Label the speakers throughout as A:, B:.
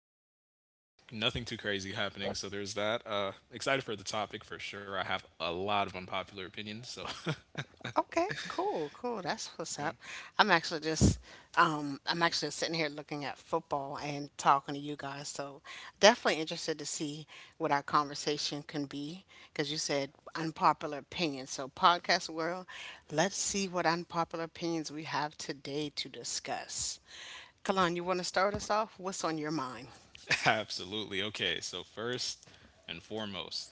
A: much, nothing too crazy happening. So there's that. Excited for the topic for sure. I have a lot of unpopular opinions. So
B: Okay, cool, cool. That's what's up. I'm actually just, I'm actually sitting here looking at football and talking to you guys. So definitely interested to see what our conversation can be because you said unpopular opinions. So podcast world, let's see what unpopular opinions we have today to discuss. Kalan, you want to start us off? What's on your mind?
A: absolutely. Okay. So first and foremost,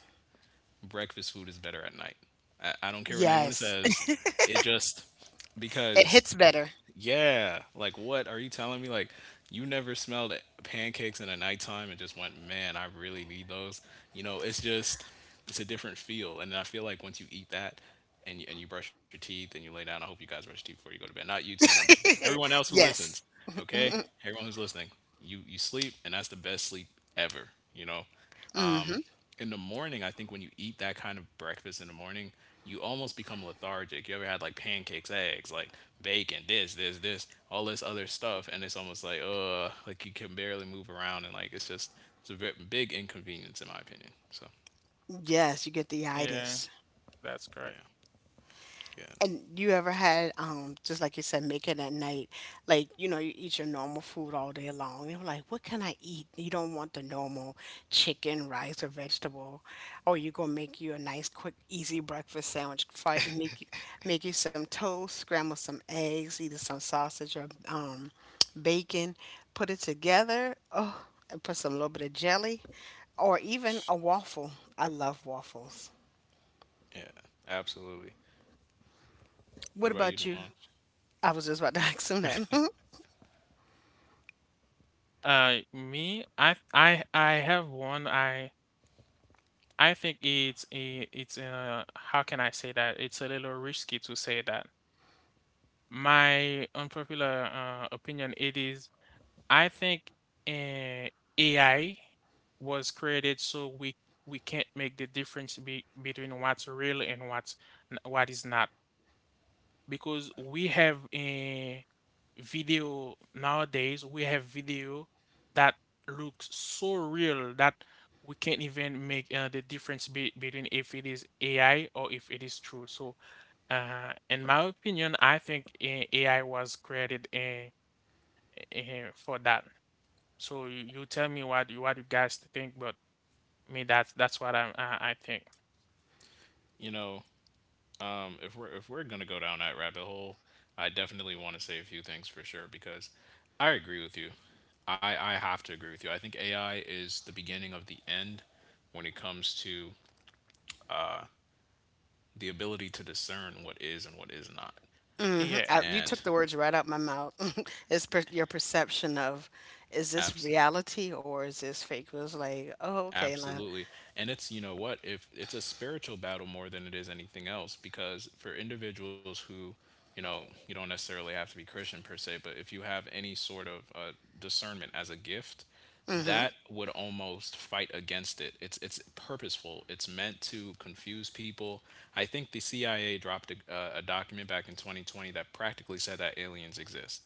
A: breakfast food is better at night. I don't care what anyone
B: Yes,
A: says. It just
B: it
A: because
B: hits better.
A: yeah. Like, what are you telling me? Like, you never smelled pancakes in the nighttime and just went, man, I really need those. You know, it's just, it's a different feel. And I feel like once you eat that and you brush your teeth and you lay down, I hope you guys brush your teeth before you go to bed. Not you too, but everyone else who listens,
B: Yes,
A: okay? Everyone who's listening, you sleep and that's the best sleep ever, you know? In the morning, I think when you eat that kind of breakfast in the morning, you almost become lethargic. You ever had like pancakes, eggs, like bacon, this, all this other stuff, and it's almost like you can barely move around, and like it's just it's a very big inconvenience in my opinion. So
B: yes, you get the
C: Yeah,
B: itis.
C: that's correct.
A: yeah, yeah,
B: And you ever had, just like you said, make it at night, like, you know, you eat your normal food all day long. You're like, what can I eat? You don't want the normal chicken, rice, or vegetable. Or you gonna make you a nice, quick, easy breakfast sandwich. Fry, make you some toast, scramble some eggs, either some sausage or bacon, put it together. Oh, and put some little bit of jelly, or even a waffle. I love waffles.
A: yeah, absolutely.
B: What
A: What about you,
B: about you?
A: Damon?
B: I was just about to ask him that.
C: Me, I have one. I think it's uh, how can I say that? It's a little risky to say that. My unpopular opinion it is, I think uh, AI was created so we can't make the difference between what's real and what is not. Because we have a video nowadays, we have video that looks so real that we can't even make the difference be between if it is AI or if it is true. So, in my opinion, I think AI was created for that. So you tell me what you guys think, but me, that's what I think.
A: You know, if we're gonna go down that rabbit hole, I definitely want to say a few things for sure because I agree with you. I have to agree with you. I think AI is the beginning of the end when it comes to the ability to discern what is and what is not.
C: Yeah.
B: I, you took
A: And
B: the words right out my mouth. Your perception of is this
A: abs
B: reality or is this fake? It was like, oh, okay, now,
A: absolutely. And it's, you know what, if it's a spiritual battle more than it is anything else, because for individuals who, you know, you don't necessarily have to be Christian per se, but if you have any sort of discernment as a gift,
B: mm hmm.
A: that would almost fight against it. It's purposeful. It's meant to confuse people. I think the CIA dropped a document back in 2020 that practically said that aliens exist,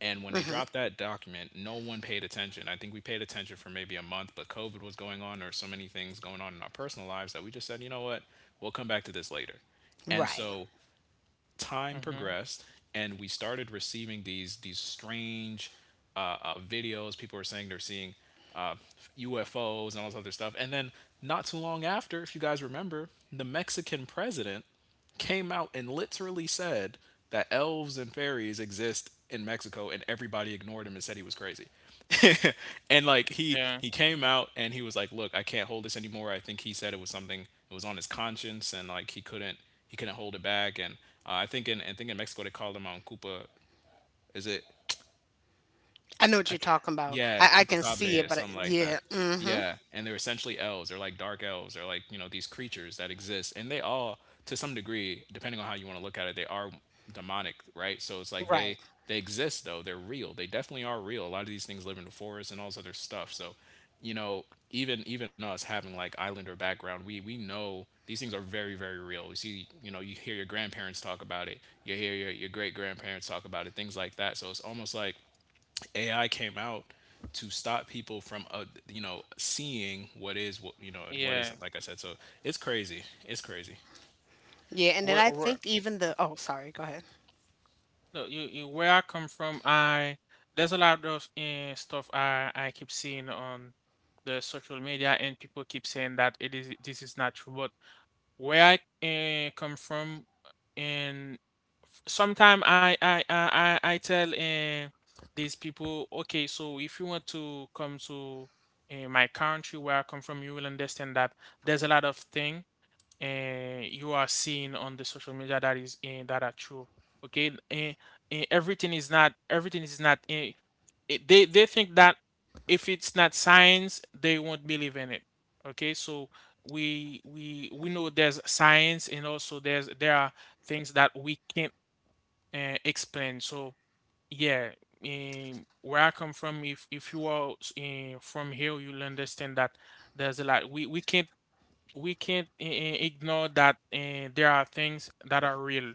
A: and when
B: Mm
A: they
B: hmm.
A: dropped that document, no one paid attention. I think we paid attention for maybe a month, but COVID was going on, or so many things going on in our personal lives that we just said, you know what, we'll come back to this later. And
B: Right.
A: so time
C: Mm-hmm.
A: progressed, and we started receiving these strange videos. People were saying they're seeing uh, UFOs and all this other stuff. And then not too long after, if you guys remember, the Mexican president came out and literally said that elves and fairies exist in Mexico, and everybody ignored him and said he was crazy. And like he
C: Yeah.
A: he came out and he was like, look, I can't hold this anymore. I think he said it was something, it was on his conscience, and like he couldn't, he couldn't hold it back. And I think in, I think in Mexico they call him on cupa, is it?
B: I know what
A: I
B: you're
A: can't,
B: talking about.
A: yeah,
B: I can see
A: chupacabra
B: it,
A: or
B: but
A: something like
B: yeah,
A: that.
B: hmm,
A: Yeah, and they're essentially elves. They're like dark elves. They're like, you know, these creatures that exist, and they all, to some degree, depending on how you want to look at it, they are demonic, right? So it's like
B: right,
A: they exist though. They're real. They definitely are real. A lot of these things live in the forest and all this other stuff. So, you know, even us having like islander background, we know these things are very, very real. You see, you know, you hear your grandparents talk about it. You hear your great grandparents talk about it. Things like that. So it's almost like AI came out to stop people from, you know, seeing what is what, you know, and what
C: Yeah.
A: isn't, like I said. So it's crazy, it's crazy.
B: yeah. And then
C: Where,
B: I
C: where?
B: think even the, oh, sorry, go ahead.
C: No, you where I come from, I there's a lot of stuff I keep seeing on the social media, and people keep saying that it is this is not true. But where I come from, and sometimes I tell these people, okay, so if you want to come to my country where I come from, you will understand that there's a lot of thing you are seeing on the social media that is that are true. Okay, everything is not. They think that if it's not science, they won't believe in it. Okay, so we know there's science and also there are things that we can't explain. So yeah, where I come from, if you are from here, you'll understand that there's a lot we can't ignore that there are things that are real.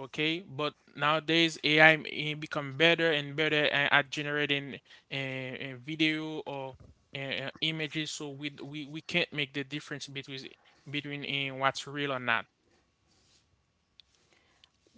C: Okay, but nowadays AI become better and better at generating video or images, so we, d- we can't make the difference between what's real or not.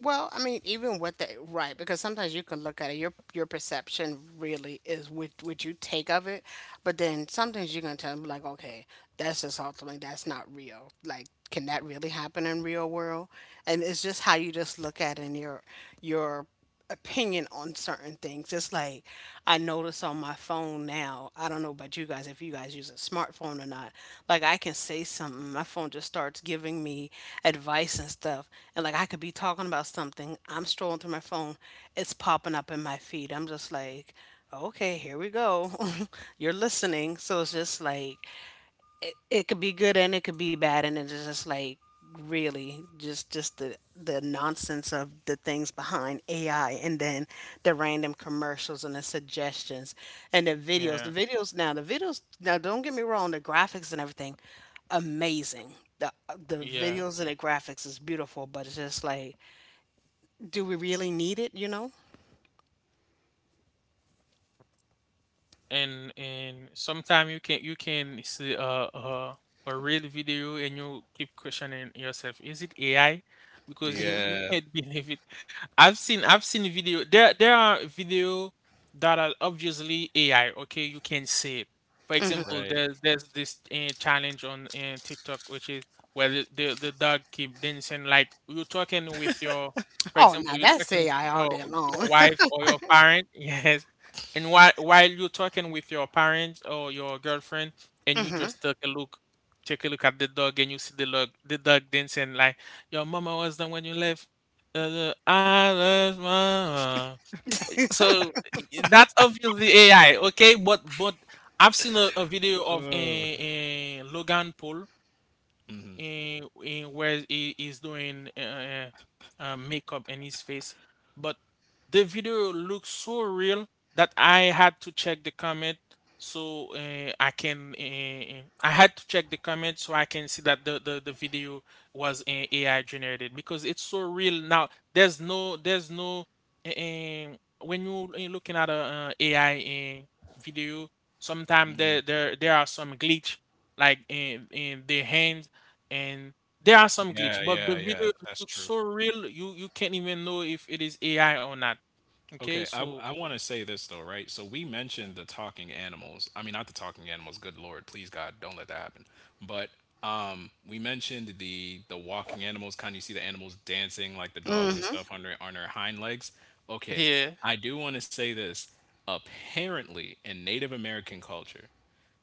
B: Well, I mean, even with the right, because sometimes you can look at it, your perception really is what you take of it, but then sometimes you're gonna tell them like, okay, that's just ultimately that's not real. Like, can that really happen in real world? And it's just how you just look at it and your opinion on certain things. It's like I notice on my phone now. I don't know about you guys if you guys use a smartphone or not. Like I can say something, my phone just starts giving me advice and stuff. And like I could be talking about something, I'm strolling through my phone, it's popping up in my feed. I'm just like, okay, here we go. You're listening. So it's just like it could be good and it could be bad, and it's just like really just the nonsense of the things behind AI, and then the random commercials and the suggestions and the videos,
C: Yeah,
B: the videos now, don't get me wrong, the graphics and everything amazing. the the
C: yeah,
B: videos and the graphics is beautiful, but it's just like, do we really need it, you know?
C: and sometimes you can see a, a real video and you keep questioning yourself, is it AI? Because you
A: Yeah.
C: can't believe it. I've seen video, there are video that are obviously AI, okay? You can see it. For example,
A: Right.
C: there's this challenge on TikTok which is where the dog keep dancing like you're talking with your, for
B: Oh
C: example,
B: now
C: you're
B: that's
C: talking with
B: AI all
C: your
B: day long.
C: wife or your parent, yes. And while you're talking with your parents or your girlfriend, and you just take a look at the dog, and you see the dog, dancing like your mama was done when you left. I love mama. So that's obviously AI, okay? But I've seen a video of a Logan Paul, in where he is doing makeup in his face. But the video looks so real that I had to check the comment, so I had to check the comment so I can see that the video was AI generated because it's so real now. There's no, there's no uh, when you looking at a AI video, sometimes
A: Hmm.
C: there are some glitch like in the hands, and there are some
A: Yeah,
C: glitch, but the
A: yeah, yeah,
C: video
A: that's
C: looks
A: true.
C: so real you can't even know if it is AI or not. Okay,
A: Okay, I
C: so
A: I want to say this though, right? So we mentioned the talking animals. I mean, not the talking animals. Good Lord, please God, don't let that happen. But we mentioned the walking animals. Kind of you see the animals dancing like the dogs and stuff on their hind legs. Okay,
C: yeah.
A: I do want to say this. Apparently, in Native American culture,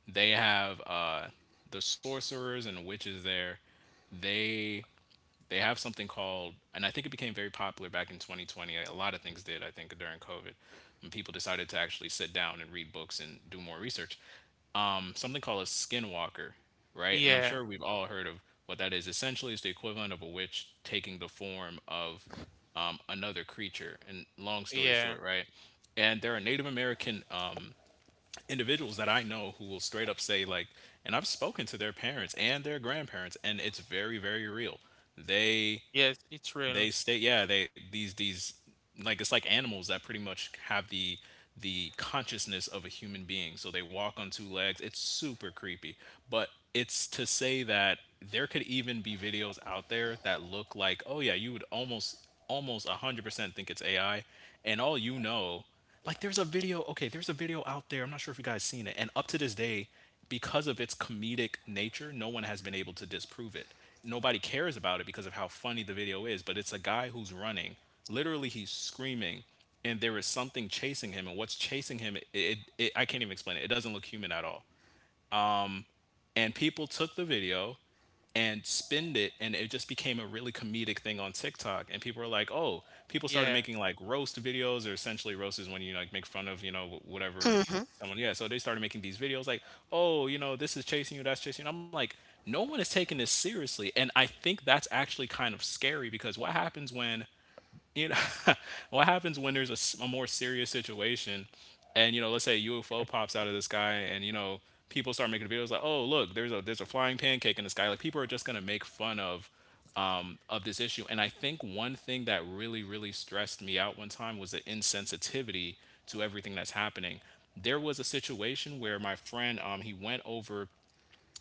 A: they have the sorcerers and witches there. They they have something called, and I think it became very popular back in 2020. A lot of things did, I think, during COVID, when people decided to actually sit down and read books and do more research. Something called a skinwalker, right? And I'm
C: Yeah,
A: sure we've all heard of what that is. Essentially, it's the equivalent of a witch taking the form of another creature, and long story
C: yeah,
A: short, right, and there are Native American individuals that I know who will straight up say, like, and I've spoken to their parents and their grandparents, and it's very, very real. They
C: yes, it's real.
A: they stay, yeah. They these like it's like animals that pretty much have the consciousness of a human being. So they walk on two legs. It's super creepy. But it's to say that there could even be videos out there that look like, oh yeah, you would almost, almost 100% think it's AI. And all, you know, like there's a video, okay, there's a video out there. I'm not sure if you guys seen it. And up to this day, because of its comedic nature, no one has been able to disprove it. Nobody cares about it because of how funny the video is, but it's a guy who's running. Literally he's screaming, and there is something chasing him, and what's chasing him, it I can't even explain it. It doesn't look human at all. And people took the video and spend it, and it just became a really comedic thing on TikTok, and people were like, oh, people started
C: Yeah,
A: making like roast videos, or essentially roast is when you like make fun of, you know, whatever someone, yeah, so they started making these videos like, oh, you know, this is chasing you, that's chasing you. And I'm like, no one is taking this seriously. And I think that's actually kind of scary because what happens when, you know, what happens when there's a more serious situation? And you know, let's say a UFO pops out of the sky and you know people start making videos like, oh look, there's a, there's a flying pancake in the sky, like people are just going to make fun of, of this issue. And I think one thing that really, really stressed me out one time was the insensitivity to everything that's happening. There was a situation where my friend, he went over,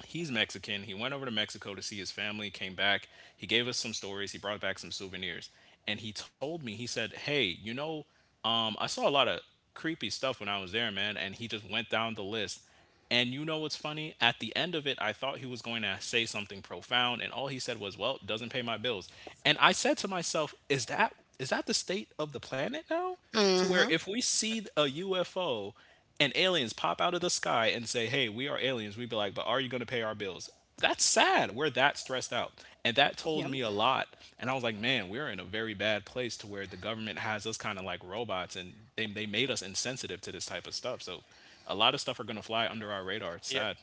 A: he's Mexican. He went over to Mexico to see his family, came back. He gave us some stories. He brought back some souvenirs. And he told me, he said, hey, you know, I saw a lot of creepy stuff when I was there, man. And he just went down the list. And you know what's funny? At the end of it, I thought he was going to say something profound. And all he said was, well, doesn't pay my bills. And I said to myself, is that, is that the state of the planet now? To where
B: Mhm.
A: if we see a UFO and aliens pop out of the sky and say, hey, we are aliens, we'd be like, but are you going to pay our bills? That's sad. We're that stressed out, and that told
B: Yep.
A: me a lot. And I was like, man, we're in a very bad place to where the government has us kind of like robots, and they made us insensitive to this type of stuff. So, a lot of stuff are going to fly under our radar. It's
C: yeah.
A: sad.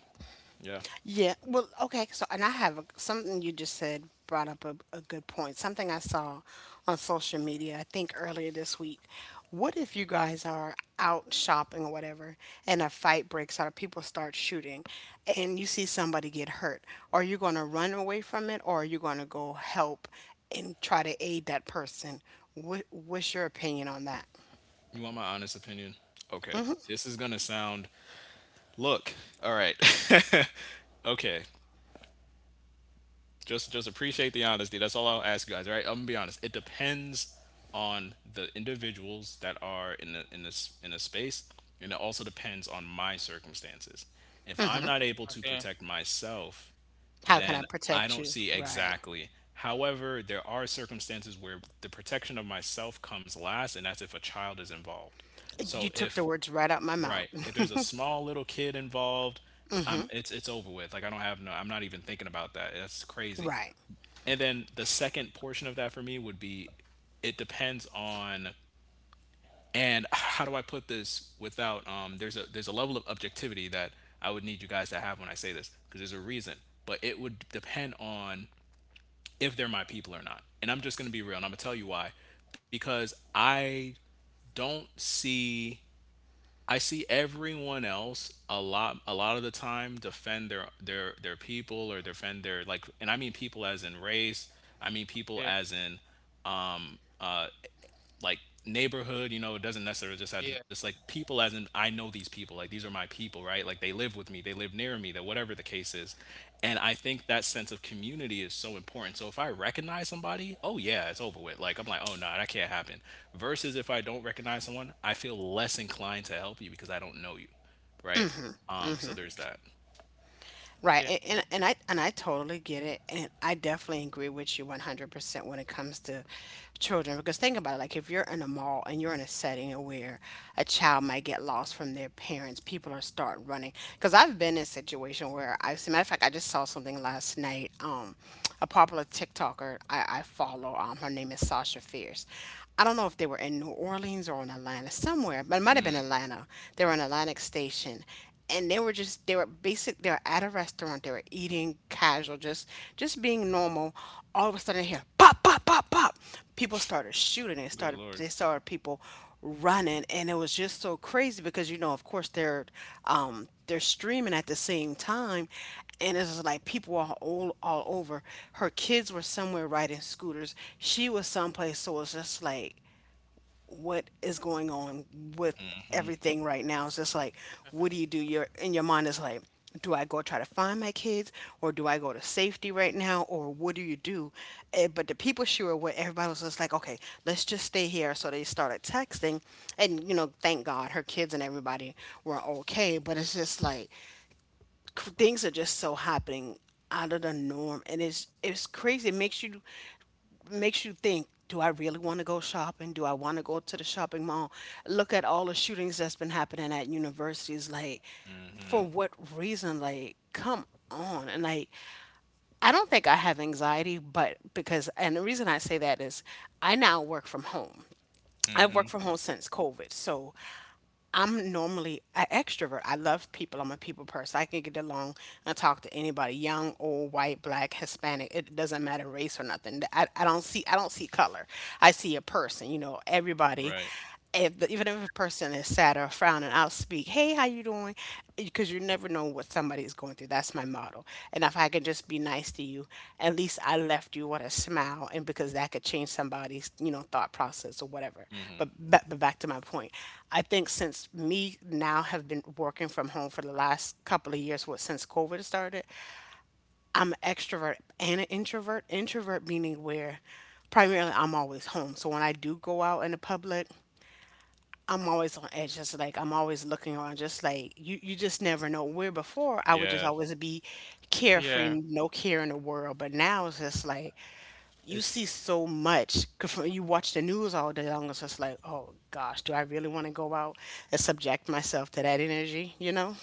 A: Yeah.
B: Yeah. Well, okay. So, and I have a, something you just said brought up a good point. Something I saw on social media, I think earlier this week. What if you guys are out shopping or whatever, and a fight breaks out, people start shooting, and you see somebody get hurt? Are you going to run away from it, or are you going to go help and try to aid that person? What, what's your opinion on that?
A: You want my honest opinion? Okay. This is going to sound, look, all right, okay. Just appreciate the honesty. That's all I'll ask you guys, right? I'm gonna be honest. It depends on the individuals that are in the in this in a space, and it also depends on my circumstances. If I'm not able to
C: Okay,
A: protect myself,
B: How can I
A: then I
B: protect
A: don't
B: you?
A: see
B: Right.
A: exactly. However, there are circumstances where the protection of myself comes last, and that's if a child is involved.
B: You
A: So
B: took the
A: if,
B: words right out my mouth.
A: right, if there's a small little kid involved, it's over with. Like I don't have no, I'm not even thinking about that. That's crazy.
B: Right.
A: And then the second portion of that for me would be it depends on, and how do I put this without there's a level of objectivity that I would need you guys to have when I say this because there's a reason, but it would depend on if they're my people or not. And I'm just going to be real, and I'm going to tell you why because I don't see I see everyone else a lot of the time defend their people, or defend their, like, and I mean people as in race, I mean people
C: okay.
A: as in uh, like neighborhood. You know, it doesn't necessarily just have to
C: Yeah,
A: just like people as in I know these people, like these are my people, right? Like they live with me, they live near me, that whatever the case is. And I think that sense of community is so important. So if I recognize somebody, oh yeah, it's over with. Like I'm like, oh no, that can't happen. Versus if I don't recognize someone, I feel less inclined to help you because I don't know you, right? Um, so there's that.
B: Right.
C: yeah.
B: And, and I totally get it. And I definitely agree with you 100% when it comes to children, because think about it, like if you're in a mall and you're in a setting where a child might get lost from their parents, people are start running. Because I've been in a situation where I've seen, matter of fact, I just saw something last night. A popular TikToker I follow, her name is Sasha Fierce. I don't know if they were in New Orleans or in Atlanta, somewhere, but it might have been Atlanta. They were in Atlantic Station, and they were at a restaurant, they were eating casual, just being normal. All of a sudden I hear pop pop pop pop, people started shooting, they
A: Good
B: started they
A: lord.
B: started people running. And it was just so crazy because, you know, of course they're, they're streaming at the same time, and it's just like people are all over. Her kids were somewhere riding scooters, she was someplace, so it's just like, what is going on with everything right now? It's just like,
C: Uh-huh.
B: what do you do? Your in your mind is like, do I go try to find my kids, or do I go to safety right now, or what do you do? Eh, but the people sure were. Everybody was just like, okay, let's just stay here. So they started texting, and you know, thank God her kids and everybody were okay. But it's just like things are just so happening out of the norm, and it's crazy. It makes you, makes you think, do I really want to go shopping? Do I want to go to the shopping mall? Look at all the shootings that's been happening at universities. Like, for what reason? Like, come on. And like, I don't think I have anxiety, but because, and the reason I say that is I now work from home. I've worked from home since COVID. So I'm normally an extrovert. I love people. I'm a people person. I can get along and talk to anybody, young, old, white, black, Hispanic. It doesn't matter race or nothing. I don't see color. I see a person, you know, everybody,
A: Right.
B: if the, even if a person is sad or frowning, I'll speak, "Hey, how you doing?" Because you never know what somebody is going through. That's my motto. And if I can just be nice to you, at least I left you with a smile, and because that could change somebody's, you know, thought process or whatever. But but back to my point, I think since me now have been working from home for the last couple of years, what since COVID started, I'm an extrovert and an introvert. Introvert meaning where primarily I'm always home. So when I do go out in the public, I'm always on edge. Just like I'm always looking around. Just like you just never know. Where before I would just
A: Yeah.
B: always be carefree,
C: Yeah.
B: no care in the world. But now it's just like you see
A: it's
B: so much. 'Cause when You watch the news all day long. It's just like, oh gosh, do I really want to go out and subject myself to that energy? You know?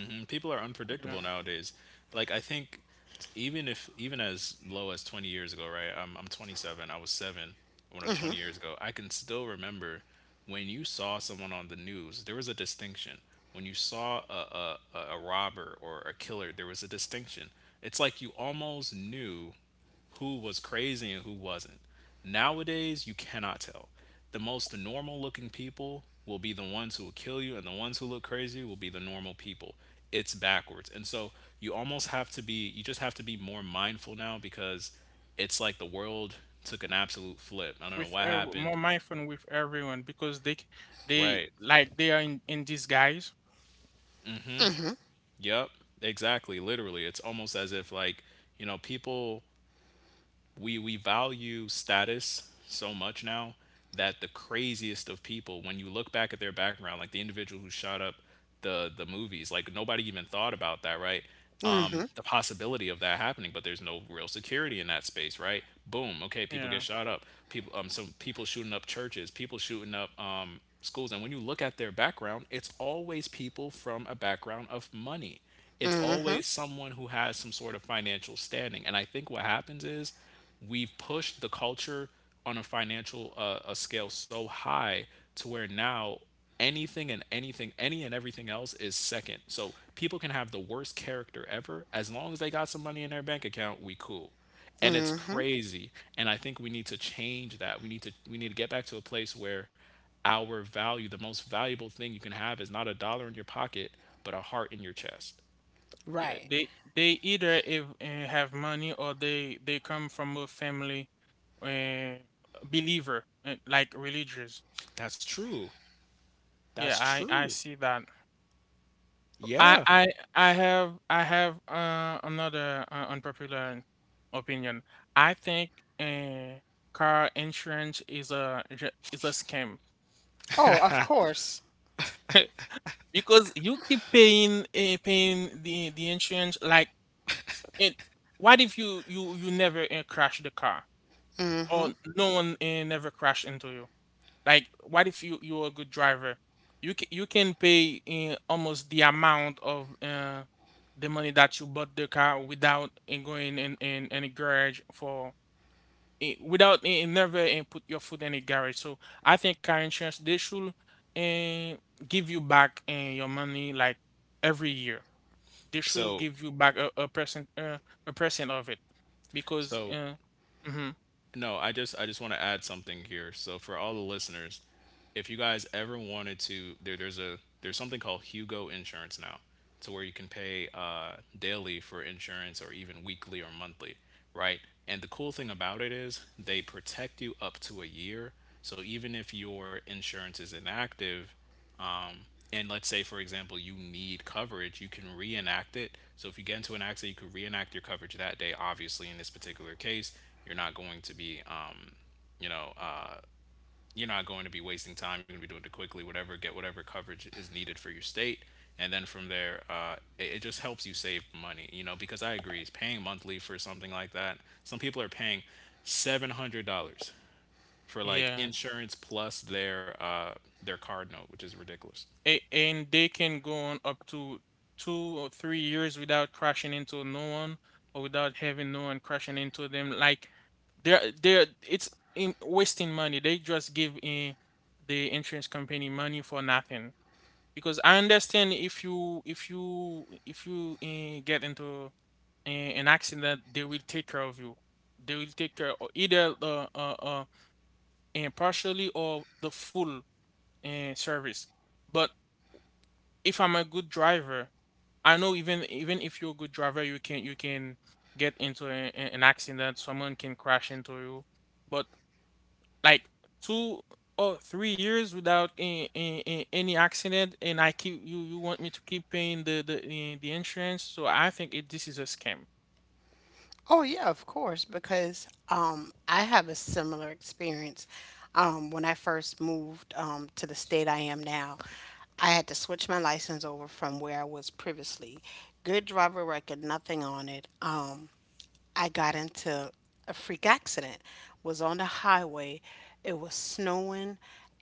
A: Mhm. People are
C: You know,
A: unpredictable nowadays. Like I think, even if even as low as 20 years ago, right? I'm 27. I was 7 when I 20 years ago. I can still remember when you saw someone on the news, there was a distinction. When you saw a robber or a killer, there was a distinction. It's like you almost knew who was crazy and who wasn't. Nowadays, you cannot tell. The most normal looking people will be the ones who will kill you, and the ones who look crazy will be the normal people. It's backwards. And so you almost have to be, you just have to be more mindful now because it's like the world took an absolute flip. I don't know
C: with
A: what happened.
C: more mindful with everyone because they
A: Right.
C: like they are in disguise.
A: Yep. Exactly. Literally. It's almost as if, like, you know, people, we value status so much now that the craziest of people, when you look back at their background, like the individual who shot up the movies, like nobody even thought about that, right? Um,
B: Mm-hmm.
A: the possibility of that happening. But there's no real security in that space, right? Boom, okay, people get
C: Yeah,
A: shot up, people, um, some people shooting up churches, people shooting up, um, schools. And when you look at their background, it's always people from a background of money, it's
B: Mm-hmm.
A: always someone who has some sort of financial standing. And I think what happens is we've pushed the culture on a financial, a scale so high to where now anything and anything, any and everything else is second. So people can have the worst character ever, as long as they got some money in their bank account, we cool. And it's
B: Mm-hmm.
A: crazy. And I think we need to change that. We need to get back to a place where our value the most valuable thing you can have is not a dollar in your pocket, but a heart in your chest.
C: yeah.
B: Right.
C: They either, if, have money, or they come from a family, uh believer, like religious.
A: That's true.
C: Yeah,
A: That's
C: I
A: true.
C: see that. I
A: Yeah.
C: I I have another unpopular opinion. I think uh, car insurance is a is a is a scam.
B: Oh, of course.
C: Because you keep paying the insurance, like it. What if you never crash the car, or no one never crash into you? Like, what if you're a good driver? You can pay almost the amount of the money that you bought the car without going in any garage, for, without, never put your foot in a garage. So I think car insurance, they should uh, give you back your money, like, every year. They should
A: so
C: give you back a percent, of it, because
A: so
C: mhm,
A: No, I just want to add something here. So for all the listeners, if you guys ever wanted to, there's something called Hugo Insurance now, to where you can pay daily for insurance, or even weekly or monthly, right? And the cool thing about it is they protect you up to a year. So even if your insurance is inactive, um, and let's say, for example, you need coverage, you can reenact it. So if you get into an accident, you could reenact your coverage that day. Obviously, in this particular case, you're not going to be, you know, you're not going to be wasting time. You're going to be doing it quickly, whatever, get whatever coverage is needed for your state. And then from there, it just helps you save money, you know, because I agree, paying monthly for something like that. Some people are paying $700 for like
C: yeah.
A: insurance plus their card note, which is ridiculous.
C: And they can go on up to 2 or 3 years without crashing into no one, or without having no one crashing into them. Like, they're it's in wasting money. They just give in the insurance company money for nothing. Because I understand, if you get into an accident, they will take care of you. They will take care of, either partially or the full service. But if I'm a good driver, I know, even if you're a good driver, you can get into an accident. Someone can crash into you, but, like, 2 or 3 years without any accident, and I keep you want me to keep paying the insurance. So I think it this is a scam.
B: Oh yeah, of course, because I have a similar experience. When I first moved to the state I am now, I had to switch my license over from where I was previously. Good driver record, nothing on it. I got into a freak accident. Was on the highway. It was snowing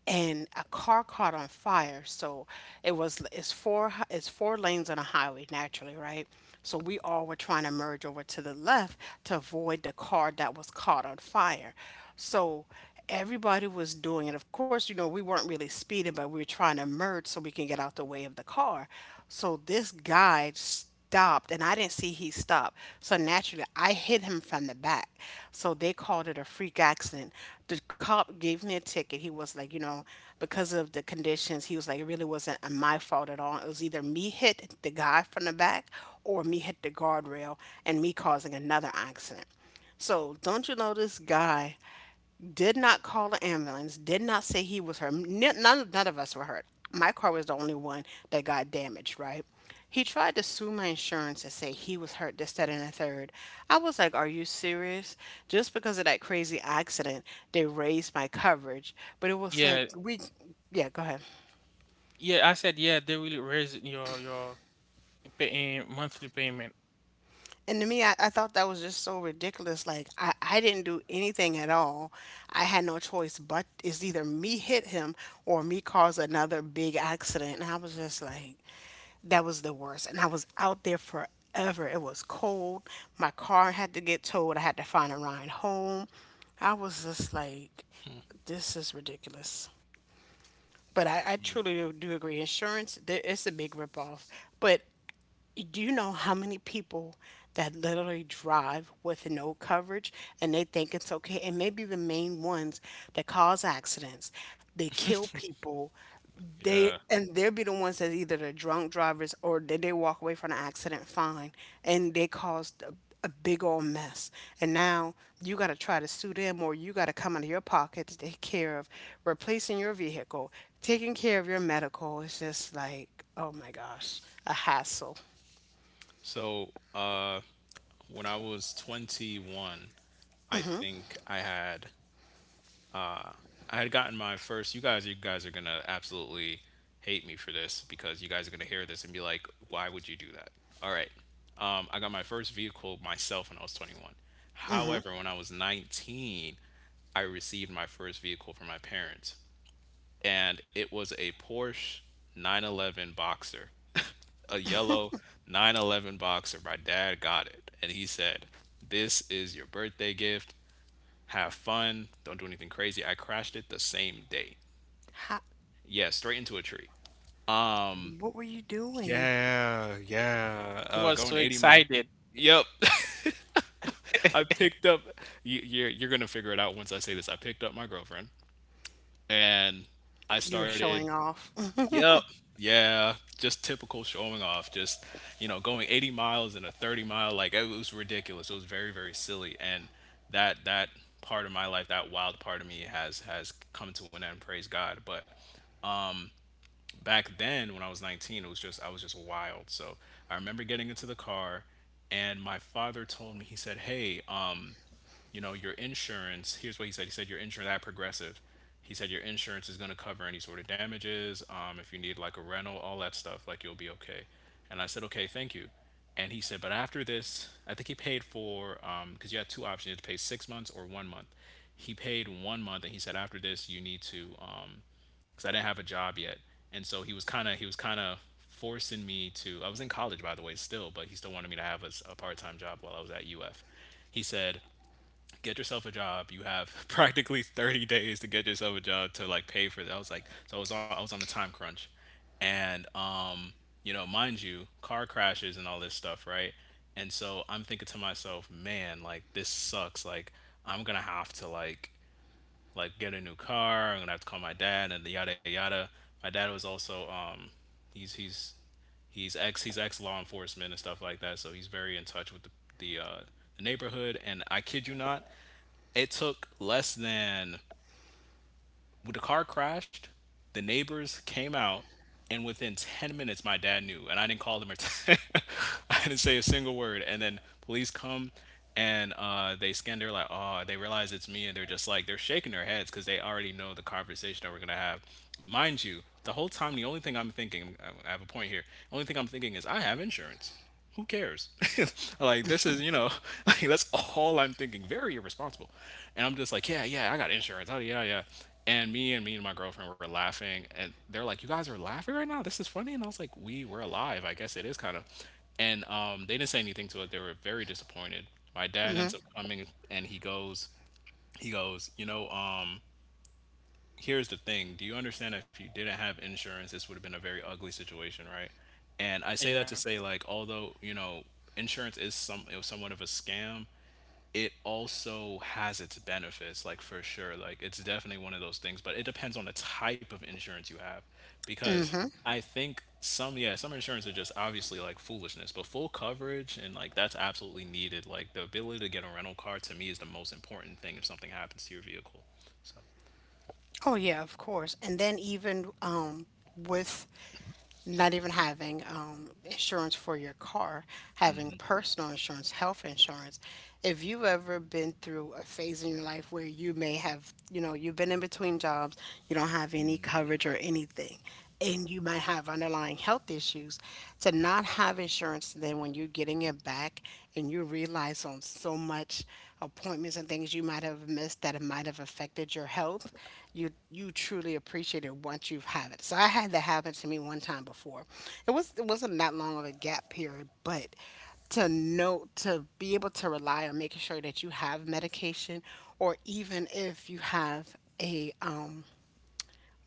B: and a car caught on fire. So it's four lanes on a highway naturally, right? So we all were trying to merge over to the left to avoid the car that was caught on fire. So everybody was doing it. Of course, you know, we weren't really speeding, but we were trying to merge so we can get out the way of the car. So this guy stopped and I didn't see he stopped. So naturally, I hit him from the back. So they called it a freak accident. The cop gave me a ticket. He was like, you know, because of the conditions, he was like, it really wasn't my fault at all. It was either me hit the guy from the back or me hit the guardrail and me causing another accident. So don't you know this guy did not call the ambulance, did not say he was hurt. None, none of us were hurt. My car was the only one that got damaged, right? He tried to sue my insurance and say he was hurt, this, that, and the third. I was like, are you serious? Just because of that crazy accident, they raised my coverage. But it was like,
C: Yeah,
B: we, yeah, go ahead.
C: yeah. I said yeah. They will raise your pay, monthly payment.
B: And to me, I thought that was just so ridiculous. Like, I didn't do anything at all. I had no choice but it's either me hit him or me cause another big accident. And I was just like, that was the worst. And I was out there forever. It was cold. My car had to get towed. I had to find a ride home. I was just like, this is ridiculous. But I truly do agree. Insurance, there, it's a big ripoff. But do you know how many people that literally drive with no coverage and they think it's okay? And maybe the main ones that cause accidents, they kill people.
A: Yeah.
B: They'll be the ones that either the drunk drivers or they walk away from the accident fine and they caused a big old mess. And now you got to try to sue them or you got to come out of your pocket to take care of replacing your vehicle, taking care of your medical. It's just like, oh my gosh, a hassle.
A: So, when I was 21, I think I had gotten my first. You guys, are gonna absolutely hate me for this, because you guys are gonna hear this and be like, "Why would you do that?" All right. I got my first vehicle myself when I was 21. However, when I was 19, I received my first vehicle from my parents, and it was a Porsche 911 Boxer. A yellow 911 boxer. My dad got it. And he said, this is your birthday gift. Have fun. Don't do anything crazy. I crashed it the same day.
B: How,
A: Yeah, straight into a tree.
B: what were you doing?
A: Yeah, yeah.
C: He was
A: Going
C: so
A: 80 miles.
C: excited.
A: Yep. I picked up. You're gonna figure it out once I say this. I picked up my girlfriend and I
B: You were
A: started.
B: showing off.
A: Yep. Yeah. Just typical showing off. Just, you know, going 80 miles in a 30 mile. Like it was ridiculous. It was very, very silly. And that that part of my life, that wild part of me, has come to an end. Praise God. But back then, when I was 19, it was just wild. So I remember getting into the car, and my father told me, he said, "Hey, um, you know, your insurance, here's what he said." He said your insurance at Progressive. He said your insurance is going to cover any sort of damages. If you need like a rental, all that stuff, like you'll be okay. And I said, okay, thank you. And he said, but after this, I think he paid for, because you had two options, you had to pay 6 months or one month. He paid one month and he said, after this, you need to, because I didn't have a job yet. And so he was kind of, forcing me to, I was in college, by the way, still, but he still wanted me to have a part time job while I was at UF. He said, get yourself a job. You have practically 30 days to get yourself a job to like pay for that. I was like, so I was on a time crunch, and you know, mind you, car crashes and all this stuff, right? And so I'm thinking to myself, man, like this sucks. Like I'm gonna have to like get a new car. I'm gonna have to call my dad and yada yada. My dad was also, he's he's he's ex law enforcement and stuff like that. So he's very in touch with the uh, the neighborhood. And I kid you not, it took less than, when the car crashed, the neighbors came out, and within 10 minutes, my dad knew. And I didn't call them or I didn't say a single word. And then police come, and they scan, they're like, oh, they realize it's me. And they're just like, they're shaking their heads because they already know the conversation that we're going to have. Mind you, the whole time, the only thing I'm thinking, I have a point here, the only thing I'm thinking is, I have insurance, who cares? Like this is, you know, like that's all I'm thinking. Very irresponsible. And I'm just like, yeah, yeah, I got insurance. Oh yeah, yeah. And me and me and my girlfriend were laughing, and they're like, you guys are laughing right now? This is funny. And I was like, we were alive. I guess it is kind of. And um, they didn't say anything to it. They were very disappointed. My dad
B: Mm-hmm.
A: ends up coming and he goes, you know, here's the thing, do you understand that if you didn't have insurance this would have been a very ugly situation, right? And I say that
C: Yeah.
A: to say, like, although, you know, insurance is some it was somewhat of a scam, it also has its benefits, like for sure. Like it's definitely one of those things, but it depends on the type of insurance you have. Because I think some, yeah, some insurance are just obviously like foolishness, but full coverage and like, that's absolutely needed. Like the ability to get a rental car to me is the most important thing if something happens to your vehicle. So,
B: Oh yeah, of course. And then even with not even having insurance for your car, having personal insurance, health insurance, if you've ever been through a phase in your life where you may have, you've been in between jobs, you don't have any coverage or anything, and you might have underlying health issues, to not have insurance, then when you're getting it back and you realize on so much appointments and things you might have missed that it might have affected your health, you truly appreciate it once you've had it. So I had that happen to me one time before. It wasn't that long of a gap period, but to know to be able to rely on making sure that you have medication or even if you have a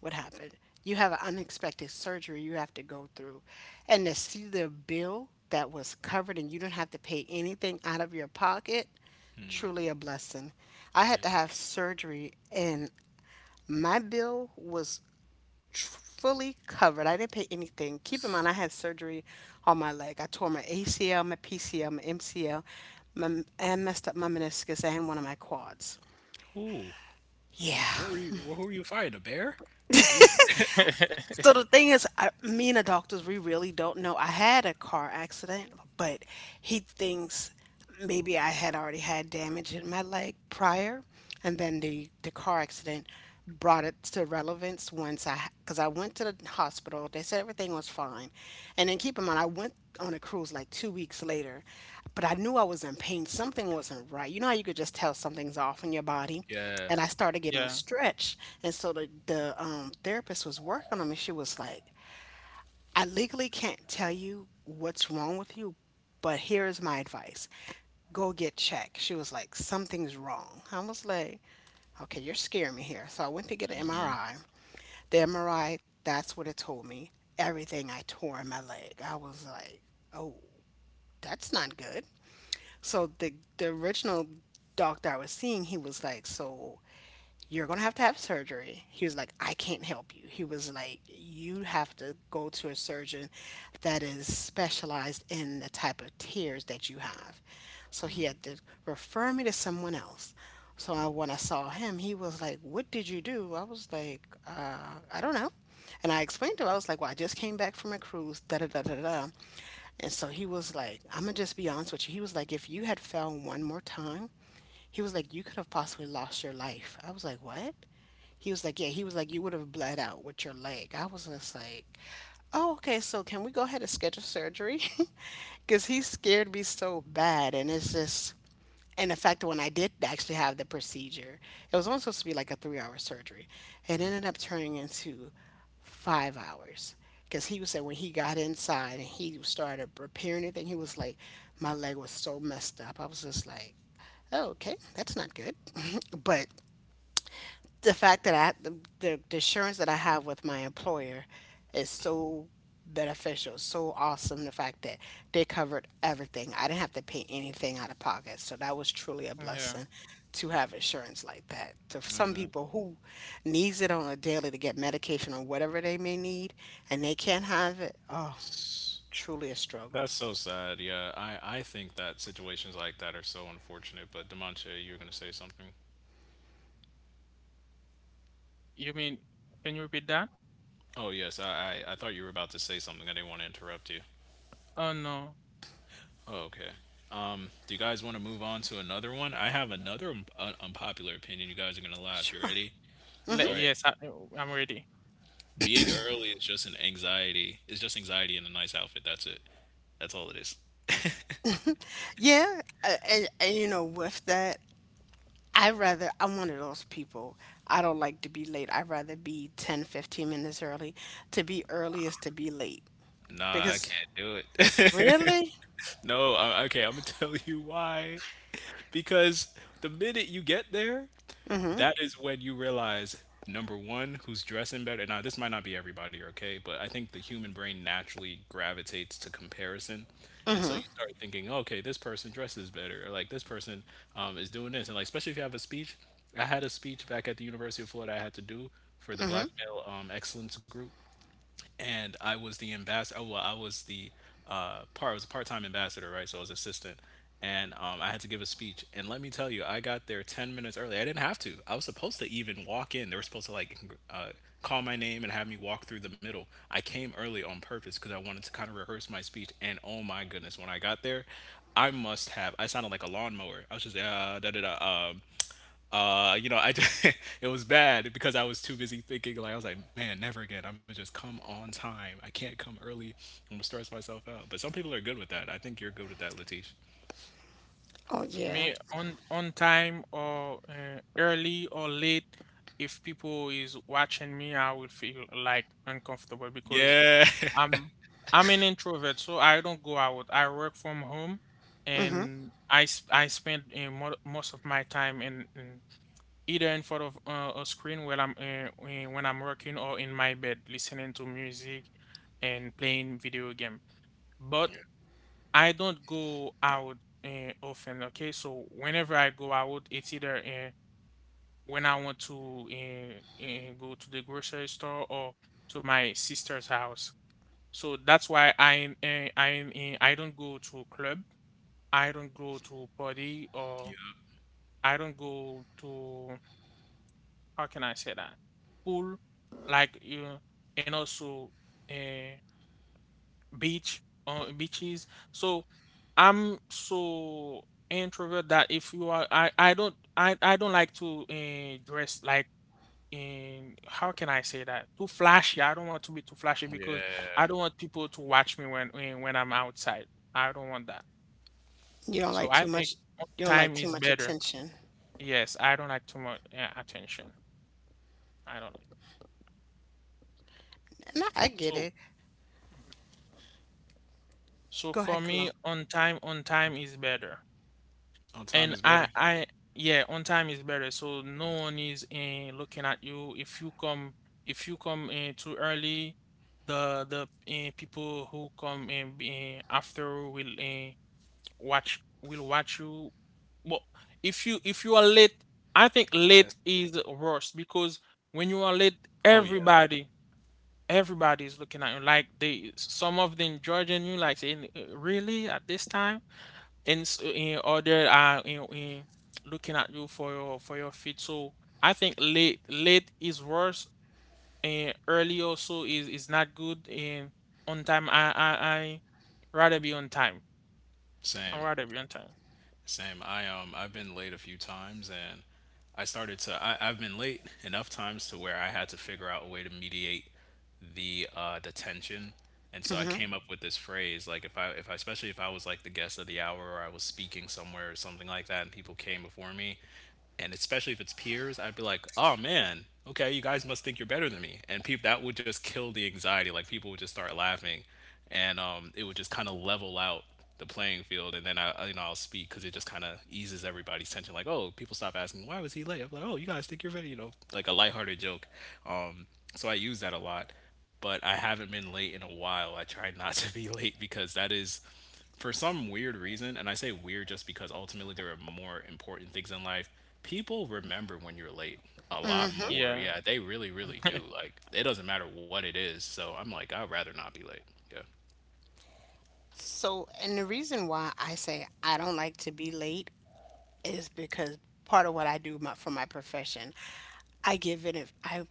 B: what happened. You have an unexpected surgery you have to go through. And to see the bill that was covered and you don't have to pay anything out of your pocket, truly a blessing. I
A: yeah.
B: had to have surgery and my bill was fully covered. I didn't pay anything. Keep in mind, I had surgery on my leg. I tore my ACL, my PCL, my MCL, and messed up my meniscus and one of my quads.
A: Ooh. What were
B: Yeah,
A: you? Who were you fighting? A bear? Were you?
B: so the thing is, me and the doctors, we really don't know. I had a car accident, but he thinks maybe I had already had damage in my leg prior, and then the car accident brought it to relevance once I because I went to the hospital. They said everything was fine, and then keep in mind I went on a cruise like 2 weeks later, but I knew I was in pain. Something wasn't right. You know how you could just tell something's off in your body,
A: Yeah,
B: and I started getting
C: Yeah.
B: stretched. And so the therapist was working on me. She was like, "I legally can't tell you what's wrong with you, but here is my advice: go get checked." She was like, "Something's wrong." I was like, "Okay, you're scaring me here." So I went to get an MRI. The MRI, that's what it told me. Everything I tore in my leg. I was like, "Oh, that's not good." So the original doctor I was seeing, he was like, "So, you're going to have surgery. He was like, I can't help you. He was like, you have to go to a surgeon that is specialized in the type of tears that you have." So he had to refer me to someone else. So when I saw him, he was like, "What did you do?" I was like, "I don't know." And I explained to him. I was like, "Well, I just came back from a cruise, da da da da da." And so he was like, "I'm going to just be honest with you. He was like, If you had fell one more time, he was like, you could have possibly lost your life." I was like, "What?" He was like, "Yeah, he was like, you would have bled out with your leg." I was just like, "Oh, okay, so can we go ahead and schedule surgery?" Because he scared me so bad. And in fact, when I did actually have the procedure, it was only supposed to be like a 3 hour surgery. It ended up turning into 5 hours. Because he was saying when he got inside and he started repairing it, and he was like, my leg was so messed up. I was just like, oh, okay, that's not good. But the fact that I the assurance that I have with my employer is so beneficial, so awesome. The fact that they covered everything, I didn't have to pay anything out of pocket, so that was truly a
C: Yeah.
B: blessing to have insurance like that. To
A: I
B: some
A: know.
B: people who needs it on a daily to get medication or whatever they may need, and they can't have it, oh,
A: It's-
B: truly a struggle.
A: That's so sad. Yeah, I think that situations like that are so unfortunate. But Demonte, you were gonna say something.
C: You mean, can you repeat that?
A: Oh yes, I thought you were about to say something. I didn't want to interrupt you.
C: Oh, no.
A: Oh okay. Do you guys want to move on to another one? I have another unpopular opinion. You guys are gonna laugh. You
B: Sure.
A: ready? All right.
C: Yes, oh, I'm ready.
A: Being early is just an anxiety. It's just anxiety in a nice outfit. That's it. That's all it is.
B: Yeah, and with that, I'm one of those people. I don't like to be late. I'd rather be 10-15 minutes early. To be early is to be late.
A: Nah, I
B: Because
A: can't do it.
B: really?
A: No, okay, I'm gonna tell you why. Because the minute you get there, that is when you realize number one, who's dressing better. Now, this might not be everybody, okay, but I think the human brain naturally gravitates to comparison. And so you start thinking, okay, this person dresses better, or like this person is doing this. And like, especially if you have a speech, I had a speech back at the University of Florida I had to do for the
B: Hmm.
A: Black Male Excellence Group and I was the ambassador. Oh, well, I was the part. I was a part-time ambassador, right? So I was assistant, and I had to give a speech. And let me tell you, I got there 10 minutes early. I didn't have to. I was supposed to even walk in. They were supposed to like call my name and have me walk through the middle. I came early on purpose because I wanted to kind of rehearse my speech. And oh my goodness, when I got there, I must have. I sounded like a lawnmower. I was just da da da. I it was bad because I was too busy thinking. Like I was like, man, never again. I'm gonna just come on time. I can't come early. I'm gonna stress myself out. But some people are good with that. I think you're good with that, Latish.
B: Oh yeah.
C: Me, on time, or early, or late. If people is watching me, I will feel like uncomfortable, because
A: Yeah.
C: I'm I'm an introvert, so I don't go out. I work from home,
B: Hmm.
C: and I spend most of my time in, either in front of a screen when I'm working, or in my bed listening to music and playing video game. But I don't go out often, okay? So whenever I go out, it's either when I want to go to the grocery store, or to my sister's house. So that's why I don't go to club. I don't go to party, or
A: Yep.
C: I don't go to, how can I say that? Pool, like you, and also uh, beach, beaches. So I'm so introvert that if you are, I don't, I don't like to dress like, in how can I say that? Too flashy. I don't want to be too flashy, because I
A: Yeah.
C: don't want people to watch me when I'm outside. I don't want that.
B: You don't
C: So
B: like
C: I
B: too
C: think
B: much you don't like
C: time
B: too
C: is
B: much
C: better.
B: attention.
C: Yes, I don't like too much attention. I don't like.
B: And I get
C: So.
B: it.
C: Mhm. So
B: Go
C: for
B: ahead,
C: me,
B: Cologne.
C: on time is better.
A: On time
C: And
A: is better.
C: I yeah, on time is better. So no one is looking at you. If you come, in too early, people who come in after will, eh, watch will watch you. But if you are late, I think
A: Yeah.
C: late is worse, because when you are late,
A: Oh yeah.
C: everybody, is looking at you, like they, some of them judging you, like saying, really at this time?" In order, in, looking at you for your feet. So I think late is worse, and early also is not good, and on time, I rather be on time. I
A: Same.
C: rather be on time.
A: Same. I I've been late a few times and I started to I, I've been late enough times to where I had to figure out a way to mediate the tension. And so I
B: Hmm.
A: came up with this phrase like if I especially if I was like the guest of the hour or I was speaking somewhere or something like that and people came before me and especially if it's peers, I'd be like, "Oh man, okay, you guys must think you're better than me." And people that would just kill the anxiety. Like people would just start laughing and it would just kind of level out the playing field. And then I'll speak because it just kind of eases everybody's tension. Like, oh, people stop asking why was he late. I'm like, oh, you guys think you're ready, you know, like a lighthearted joke. Um, so I use that a lot, but I haven't been late in a while. I try not to be late because that is for some weird reason, and I say weird just because ultimately there are more important things in life. People remember when you're late a lot more.
C: Yeah.
A: Yeah, they really, really do. Like, it doesn't matter what it is. So I'm like, I'd rather not be late.
B: So, and the reason why I say I don't like to be late is because part of what I do for my profession, I give it. I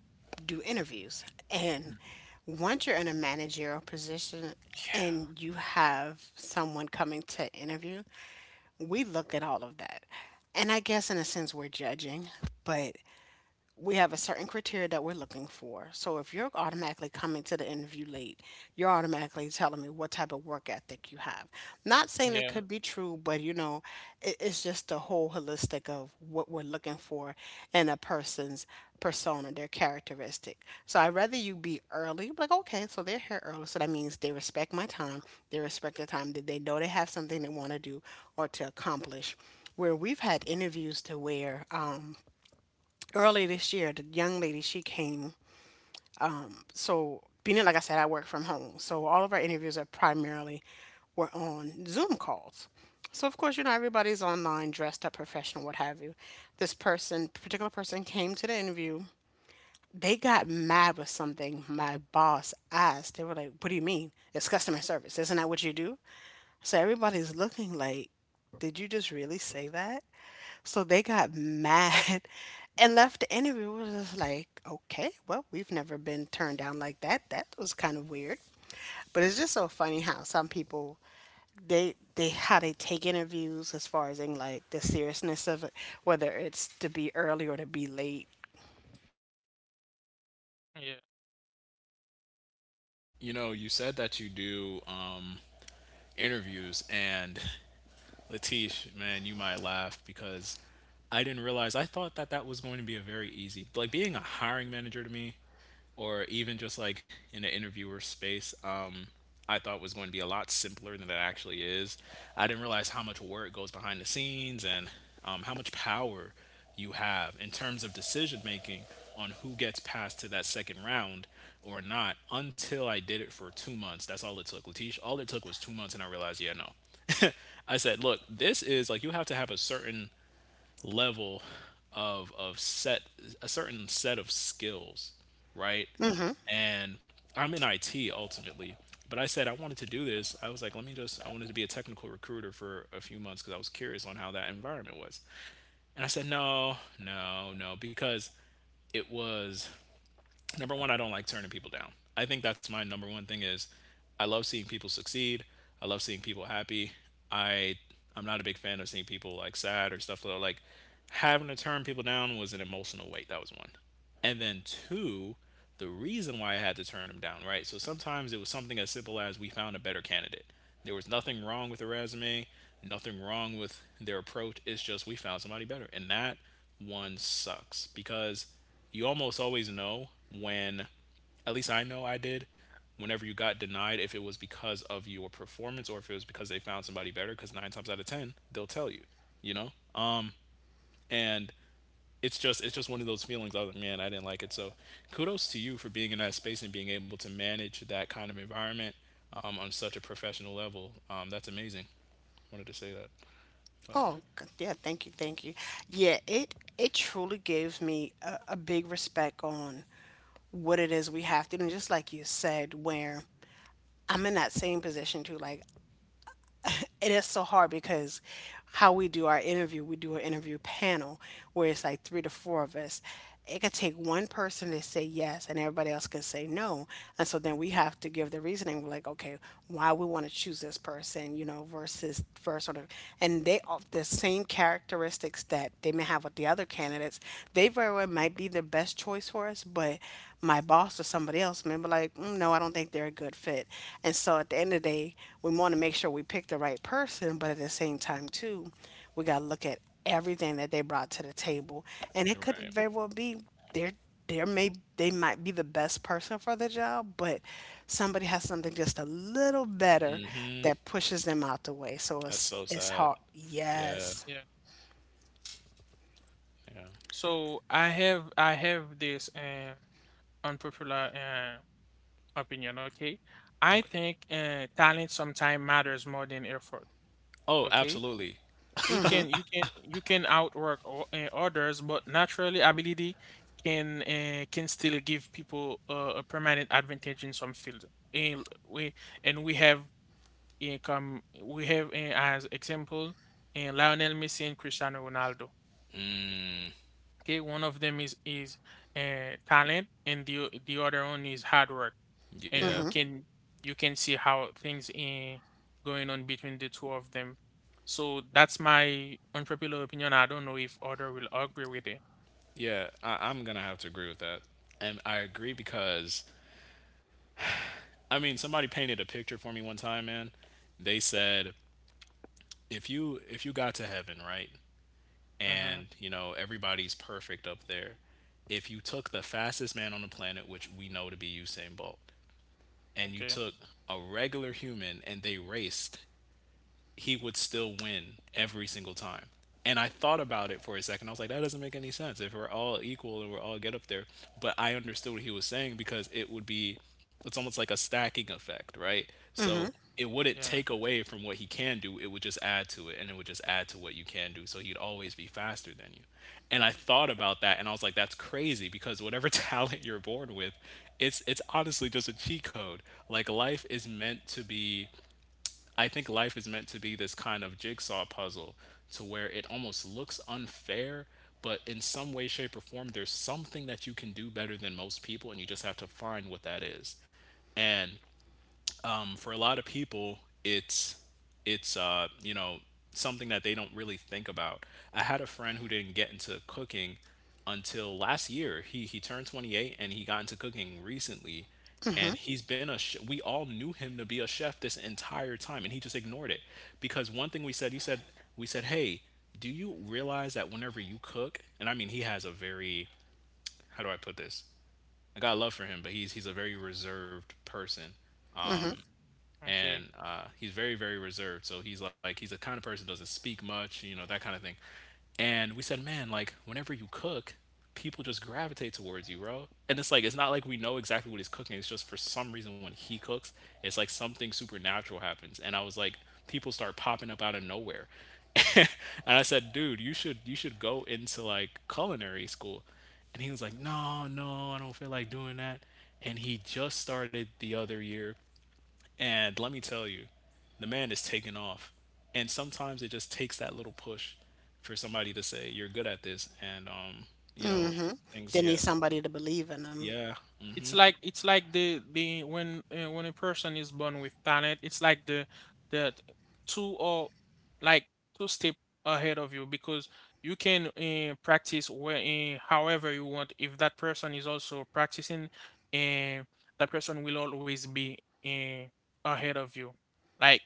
B: do interviews, and once you're in a managerial position
A: Yeah.
B: and you have someone coming to interview, we look at all of that, and I guess in a sense we're judging, but we have a certain criteria that we're looking for. So if you're automatically coming to the interview late, you're automatically telling me what type of work ethic you have. Not saying it
C: Yeah.
B: could be true, but you know, it's just the whole holistic of what we're looking for in a person's persona, their characteristic. So I'd rather you be early, like, okay, so they're here early. So that means they respect my time, they respect the time that they know they have something they want to do or to accomplish. Where we've had interviews to where, early this year, the young lady she came. So being that, like I said, I work from home, so all of our interviews are primarily were on Zoom calls. So of course, you know everybody's online, dressed up, professional, what have you. This person, particular person, came to the interview. They got mad with something my boss asked. They were like, "What do you mean? It's customer service, isn't that what you do?" So everybody's looking like, "Did you just really say that?" So they got mad and left the interview. It was just like, okay, well, we've never been turned down like that. That was kind of weird. But it's just so funny how some people they how they take interviews as far as in like the seriousness of it, whether it's to be early or to be late.
C: Yeah.
A: You know, you said that you do interviews, and Latish, man, you might laugh because I didn't realize. I thought that that was going to be a very easy, like being a hiring manager to me, or even just like in an interviewer space. I thought was going to be a lot simpler than it actually is. I didn't realize how much work goes behind the scenes and how much power you have in terms of decision making on who gets passed to that second round or not until I did it for 2 months. That's all it took. Latish, all it took was 2 months, and I realized, yeah, no. I said, look, this is like you have to have a certain level of set a certain set of skills, right?
B: Mm-hmm.
A: And I'm in IT ultimately, but I said I wanted to do this. I was like, let me just I wanted to be a technical recruiter for a few months because I was curious on how that environment was. And I said, no, because it was number one. I don't like turning people down. I think that's my number one thing is I love seeing people succeed. I love seeing people happy. i I'm not a big fan of seeing people like sad or stuff though. Like, having to turn people down was an emotional weight. That was one. And then two, the reason why I had to turn them down, right? So sometimes it was something as simple as we found a better candidate. There was nothing wrong with the resume, nothing wrong with their approach. It's just we found somebody better, and that one sucks because you almost always know when, at least I know I did, whenever you got denied if it was because of your performance or if it was because they found somebody better, cuz 9 times out of 10 they'll tell you, you know. And it's just one of those feelings. I was like, man, I didn't like it. So kudos to you for being in that space and being able to manage that kind of environment on such a professional level. That's amazing. Wanted to say that, but
B: Oh, yeah. Thank you. Thank you. Yeah. It truly gives me a big respect on what it is we have to do. And just like you said, where I'm in that same position too. Like it is so hard because how we do our interview, we do an interview panel where it's like three to four of us. It could take one person to say yes and everybody else can say no. And so then we have to give the reasoning. We're like, okay, why we want to choose this person, versus sort of, and they all the same characteristics that they may have with the other candidates. They very well might be the best choice for us, but my boss or somebody else may be like, mm, no, I don't think they're a good fit. And so at the end of the day, we want to make sure we pick the right person, but at the same time, too, we got to look at everything that they brought to the table. And it could
A: right.
B: very well be they're there may they might be the best person for the job, but somebody has something just a little better
A: Mm-hmm.
B: that pushes them out the way. So
A: That's
B: it's
A: so
B: it's
A: sad.
B: hard.
A: Yeah,
B: Yes.
C: Yeah.
A: yeah,
C: So I have this unpopular opinion, okay? I
A: okay.
C: think talent sometimes matters more than effort,
A: Oh,
C: okay?
A: absolutely.
C: You
B: Mhm.
C: can, outwork others, but naturally ability can still give people a permanent advantage in some fields. And we, and we have come we have, as example, Lionel Messi and Cristiano Ronaldo. Okay, one of them is, talent, and the the other one is hard work. And
A: Yeah.
C: you
B: Mhm.
C: can see how things, in going on between the two of them. So that's my unpopular opinion. I don't know if other will agree with it.
A: Yeah, I'm gonna have to agree with that. And I agree because I mean somebody painted a picture for me one time, man. They said if you got to heaven, right?
C: Mm-hmm.
A: And you know, everybody's perfect up there. If you took the fastest man on the planet, which we know to be Usain Bolt, and you
C: Okay.
A: took a regular human and they raced, he would still win every single time. And I thought about it for a second. I was like, that doesn't make any sense. If we're all equal and we're all get up there, but I understood what he was saying because it would be, it's almost like a stacking effect, right? So
B: Mhm.
A: it wouldn't
C: Yeah.
A: take away from what he can do. It would just add to it, and it would just add to what you can do. So he'd always be faster than you. And I thought about that, and I was like, that's crazy because whatever talent you're born with, it's honestly just a cheat code. Like life is meant to be I think life is meant to be this kind of jigsaw puzzle to where it almost looks unfair, but in some way, shape, or form, there's something that you can do better than most people, and you just have to find what that is. And for a lot of people, it's it's uh, you know something that they don't really think about. I had a friend who didn't get into cooking until last year. He turned 28 and he got into cooking recently, and
B: Mhm.
A: he's been a. Sh- we all knew him to be a chef this entire time, and he just ignored it because one thing we said he said we said hey. Do you realize that whenever you cook, and I mean, he has a very, how do I put this? I got love for him, but he's a very reserved person
B: Mhm.
C: Okay.
A: and he's very reserved. So he's like he's the kind of person who doesn't speak much, you know, that kind of thing. And we said, man, like whenever you cook, people just gravitate towards you, bro, and it's like it's not like we know exactly what he's cooking. It's just for some reason when he cooks, it's like something supernatural happens. And I was like, people start popping up out of nowhere. And I said, dude, you should go into like culinary school. And he was like, "No, no, I don't feel like doing that." And he just started the other year, and let me tell you, the man is taking off. And sometimes it just takes that little push for somebody to say, you're good at this. And, you know,
B: Mhm.
A: things,
B: They need
A: yeah.
B: somebody to believe in them.
A: Yeah.
C: it's
A: Hmm.
C: like it's like the when a person is born with talent, it's like the two or like two step ahead of you because you can practice where however you want. If that person is also practicing, uh, that person will always be uh, ahead of you. Like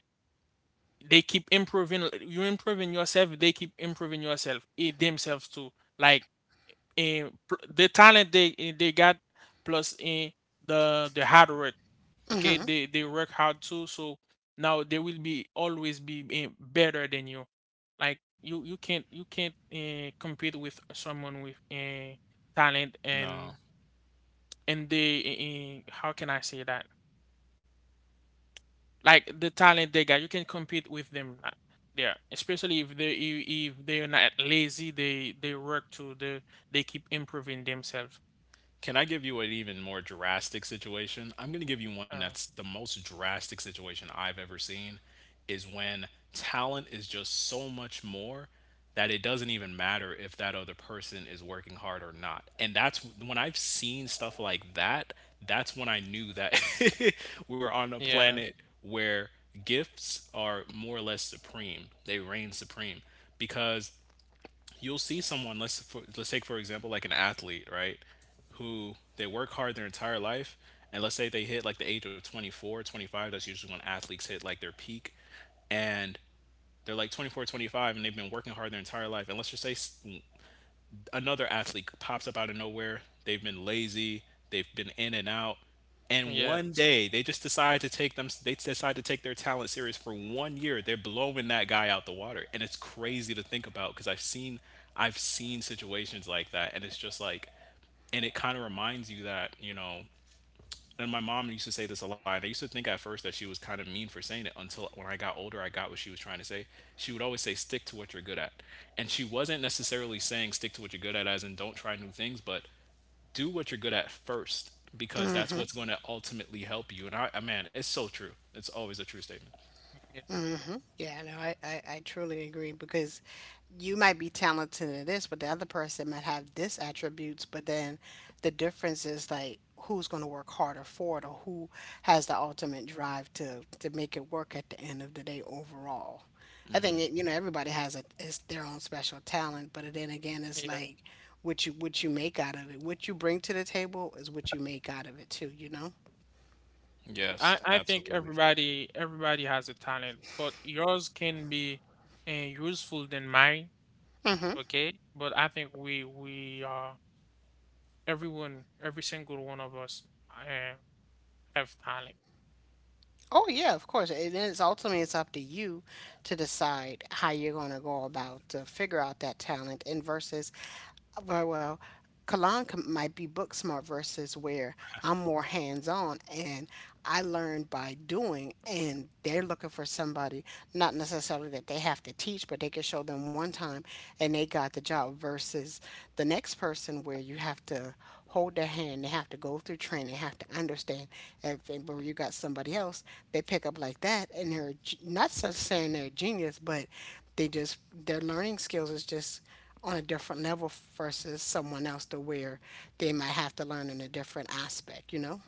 C: they keep improving, you improving yourself they keep improving yourself eh, themselves too, like in the talent they they got plus in the hard work. Okay,
B: Mm-hmm.
C: they work hard too, so now they will be always be better than you. Like you can't compete with someone with talent.
A: No.
C: And they how can I say that? Like the talent they got, you can compete with them there, especially if they if they're not lazy, they work too. They keep improving themselves.
A: Can I give you an even more drastic situation? I'm going to give you one
C: Uh,
A: that's the most drastic situation I've ever seen is when talent is just so much more that it doesn't even matter if that other person is working hard or not. And that's when I've seen stuff like that, that's when I knew that we were on a
C: yeah.
A: planet where gifts are more or less supreme. They reign supreme because you'll see someone let's take for example like an athlete, right, who they work hard their entire life, and let's say they hit like the age of 24, 25. That's usually when athletes hit like their peak. And they're like 24, 25, and they've been working hard their entire life, and let's just say another athlete pops up out of nowhere. They've been lazy, they've been in and out, and one
C: Yes.
A: day they just decide to take them. They decide to take their talent serious for 1 year. They're blowing that guy out the water, and it's crazy to think about because I've seen situations like that, and it's just like, and it kind of reminds you that and my mom used to say this a lot. And I used to think at first that she was kind of mean for saying it until when I got older, I got what she was trying to say. She would always say, stick to what you're good at. And she wasn't necessarily saying stick to what you're good at, as in don't try new things, but do what you're good at first, because that's what's going to ultimately help you. And man, it's so true. It's always a true statement.
C: Yeah.
B: Mm-hmm. Yeah, no, I truly agree because you might be talented in this, but the other person might have this attributes, but then the difference is like who's going to work harder for it or who has the ultimate drive to make it work at the end of the day overall. I think it, you know everybody has a is their own special talent, but then again, it's
C: Yeah.
B: like what you make out of it, what you bring to the table is what you make out of it too.
A: Yes,
C: I, I think
A: absolutely.
C: everybody everybody has a talent, but yours can be useful than mine,
B: Mm-hmm.
C: okay? But I think we are everyone, every single one of us, uh, have talent.
B: Oh yeah, of course. It is ultimately it's up to you to decide how you're going to go about to figure out that talent. And versus, very well, Kalan might be book smart versus where I'm more hands on and I learn by doing. And they're looking for somebody not necessarily that they have to teach, but they can show them one time and they got the job. Versus the next person where you have to hold their hand. They have to go through training. They have to understand everything. But when you got somebody else, they pick up like that, and not so saying they're a genius, but they just their learning skills is just on a different level versus someone else to where they might have to learn in a different aspect.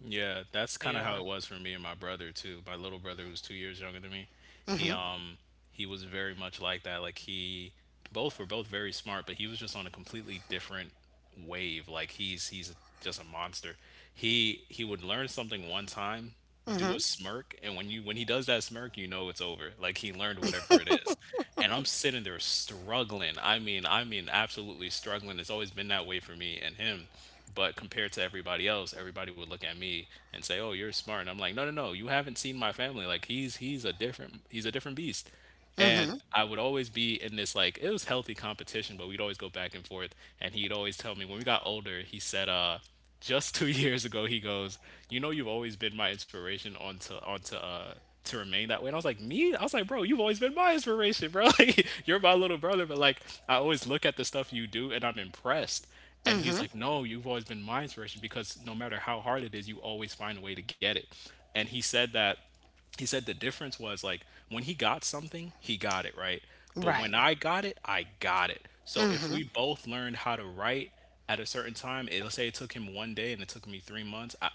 A: Yeah, that's kind of how it
C: Yeah.
A: was for me and my brother too. My little brother who's 2 years younger than me. He,
B: Mm-hmm.
A: um, he was very much like that. Like he both were both very smart, but he was just on a completely different wave. Like he's just a monster. He would learn something one time, do
B: Mm-hmm.
A: a smirk, and when you when he does that smirk, you know it's over. Like he learned whatever it is. And I'm sitting there struggling. I mean absolutely struggling. It's always been that way for me and him. But compared to everybody else, everybody would look at me and say, "Oh, you're smart." And I'm like, "No, no, no. You haven't seen my family. Like he's a different he's a different beast." And
B: Mm-hmm.
A: I would always be in this, like it was healthy competition, but we'd always go back and forth. And he'd always tell me when we got older, he said, just two years ago, he goes, you know, you've always been my inspiration onto to remain that way. And I was like, me? I was like, bro, you've always been my inspiration, bro. Like you're my little brother, but like I always look at the stuff you do and I'm impressed. And he's
B: Mm-hmm.
A: like, no, you've always been my inspiration because no matter how hard it is, you always find a way to get it. And he said the difference was like when he got something, he got it right. But
B: Right.
A: when I got it, I got it. So if
B: Mm-hmm.
A: we both learned how to write at a certain time, let's say it took him 1 day and it took me 3 months, I,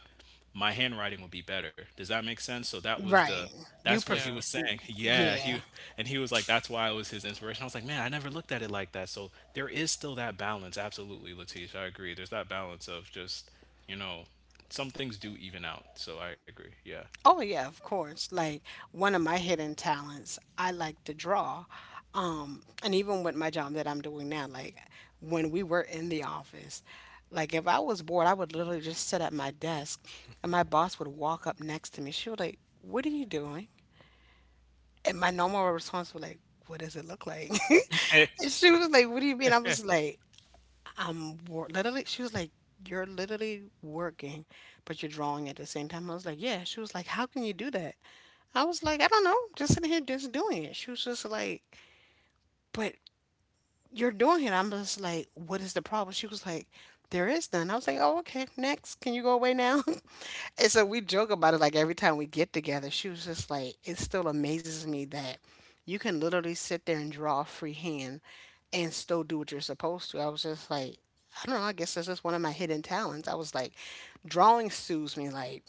A: my handwriting would be better. Does that make sense? So that was the
B: Right. You
A: that's what he
B: prefer.
C: Yeah.
A: was saying. Yeah, he
B: Yeah.
A: and he was like that's why it was his inspiration. I was like, man, I never looked at it like that. So there is still that balance. Absolutely, Latish, I agree. There's that balance of just you know some things do even out. So I agree. Yeah.
B: Oh yeah, of course. Like one of my hidden talents, I like to draw. And even with my job that I'm doing now, like when we were in the office, like if I was bored, I would literally just sit at my desk and my boss would walk up next to me. She was like, "What are you doing?" And my normal response was like, "What does it look like?" And she was like, "What do you mean?" I
C: And
B: was like, literally, she was like, "You're literally working, but you're drawing at the same time." I was like, "Yeah." She was like, "How can you do that?" I was like, "I don't know, just sitting here just doing it." She was just like, "but you're doing it." I'm just like, "what is the problem?" She was like, "there is none." I was like, "oh, okay, next. Can you go away now?" And so we joke about it like every time we get together. She was just like, "it still amazes me that you can literally sit there and draw freehand and still do what you're supposed to." I was just like, "I don't know. I guess that's just one of my hidden talents." I was like, drawing soothes me. Like,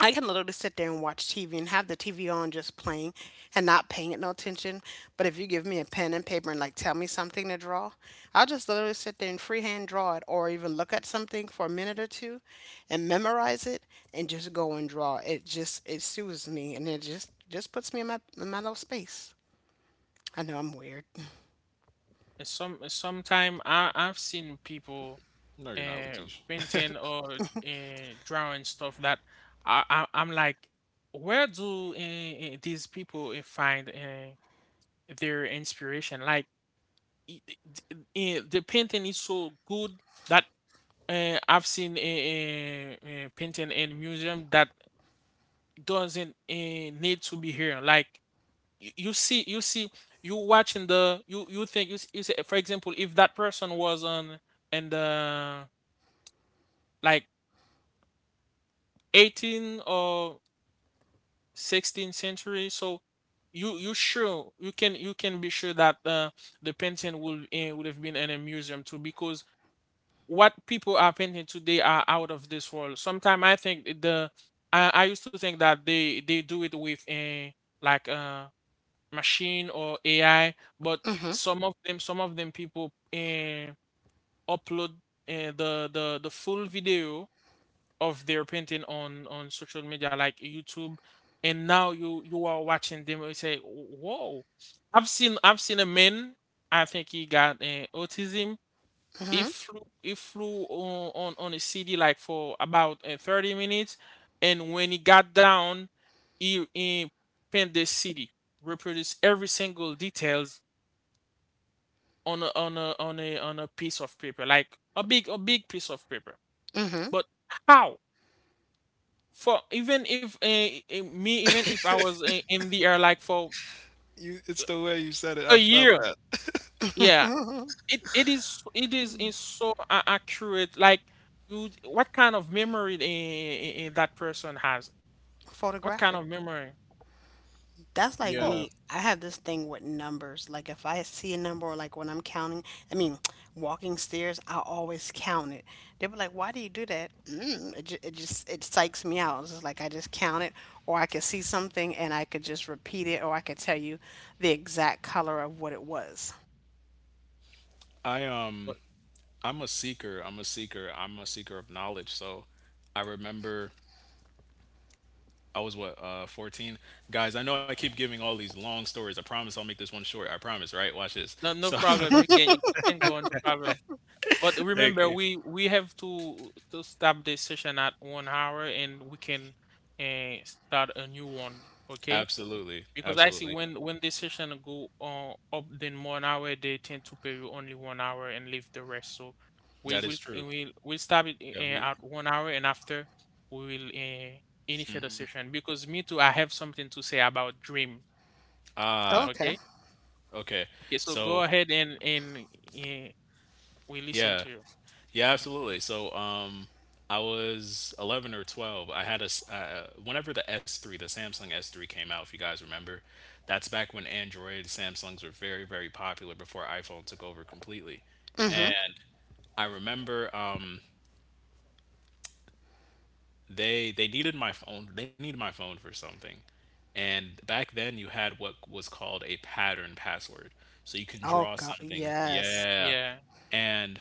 B: I can literally sit there and watch TV and have the TV on just playing and not paying it no attention. But if you give me a pen and paper and like tell me something to draw, I'll just literally sit there and freehand draw it or even look at something for a minute or two and memorize it and just go and draw. It soothes me and it just puts me in my little space. I know I'm weird.
C: sometime I've seen people
A: No, you're not, Latish.
C: painting or drawing stuff that I'm like, where do these people find their inspiration? Like i- i- d- the painting is so good that I've seen a painting in museum that doesn't need to be here. Like you see, you see, you watching the you you think you say, for example, if that person was on in the like 18 or 16th century, so you sure you can be sure that the painting will would have been in a museum too, because what people are painting today are out of this world. Sometimes I think I used to think that they do it with a a machine or AI, but
B: Mhm.
C: some of them people upload the full video of their painting on social media like YouTube, and now you are watching them and you say, whoa. I've seen a man, I think he got autism. it
B: Hmm.
C: flew it flew on a city like for about 30 minutes, and when he got down, he paint the city, reproduce every single details on a, on a, on a, on a piece of paper, like a big piece of paper.
B: Hmm.
C: But how? For Even if me, even if I was in the air like for
A: You, it's the way you said it.
C: a
A: I felt
C: year,
A: that.
C: yeah,
B: Hmm.
C: it it is so accurate. Like, you, what kind of memory that person has? What kind of
B: Photographic.
C: memory?
B: That's like
C: Oh,
A: Yeah.
B: me. I have this thing with numbers. Like if I see a number or like when I'm counting, I mean, walking stairs, I always count it. They were like, "Why do you do that?" It just it psychs me out. It's just like I just count it, or I could see something and I could just repeat it, or I could tell you the exact color of what it was.
A: I
C: but
A: um I'm a seeker. I'm a seeker of knowledge. So I remember I was what, 14. Guys, I know I keep giving all these long stories. I promise I'll make this one short. I promise, right? Watch this.
C: no,
A: So
C: no problem, you can go, no problem. But
A: thank
C: remember,
A: you.
C: we have to stop this session at 1 hour, and we can start a new one, okay?
A: Absolutely.
C: Because I see
A: Absolutely.
C: when the session go up than 1 hour, they tend to pay you only 1 hour and leave the rest. So we
A: That
C: will
A: is true.
C: we stop it
A: Yeah, we
C: at 1 hour, and after we will initiate the
A: mhm.
C: session. Because me too, I have something to say about dream.
A: Ah,
B: Okay.
C: Okay,
A: okay.
C: okay. So go
A: So,
C: ahead, and uh, we listen
A: yeah.
C: to you.
A: Yeah,
C: Mhm.
A: absolutely. So, I was 11 or 12. I had a, whenever the S3, the Samsung S3 came out, if you guys remember, that's back when Android, Samsungs were very, very popular before iPhone took over completely.
B: Mm-hmm.
A: And I remember, they needed my phone, they needed my phone for something. And back then you had what was called a pattern password. So you can draw
B: Oh God,
A: something.
B: yes.
A: Yeah.
C: Yeah,
A: And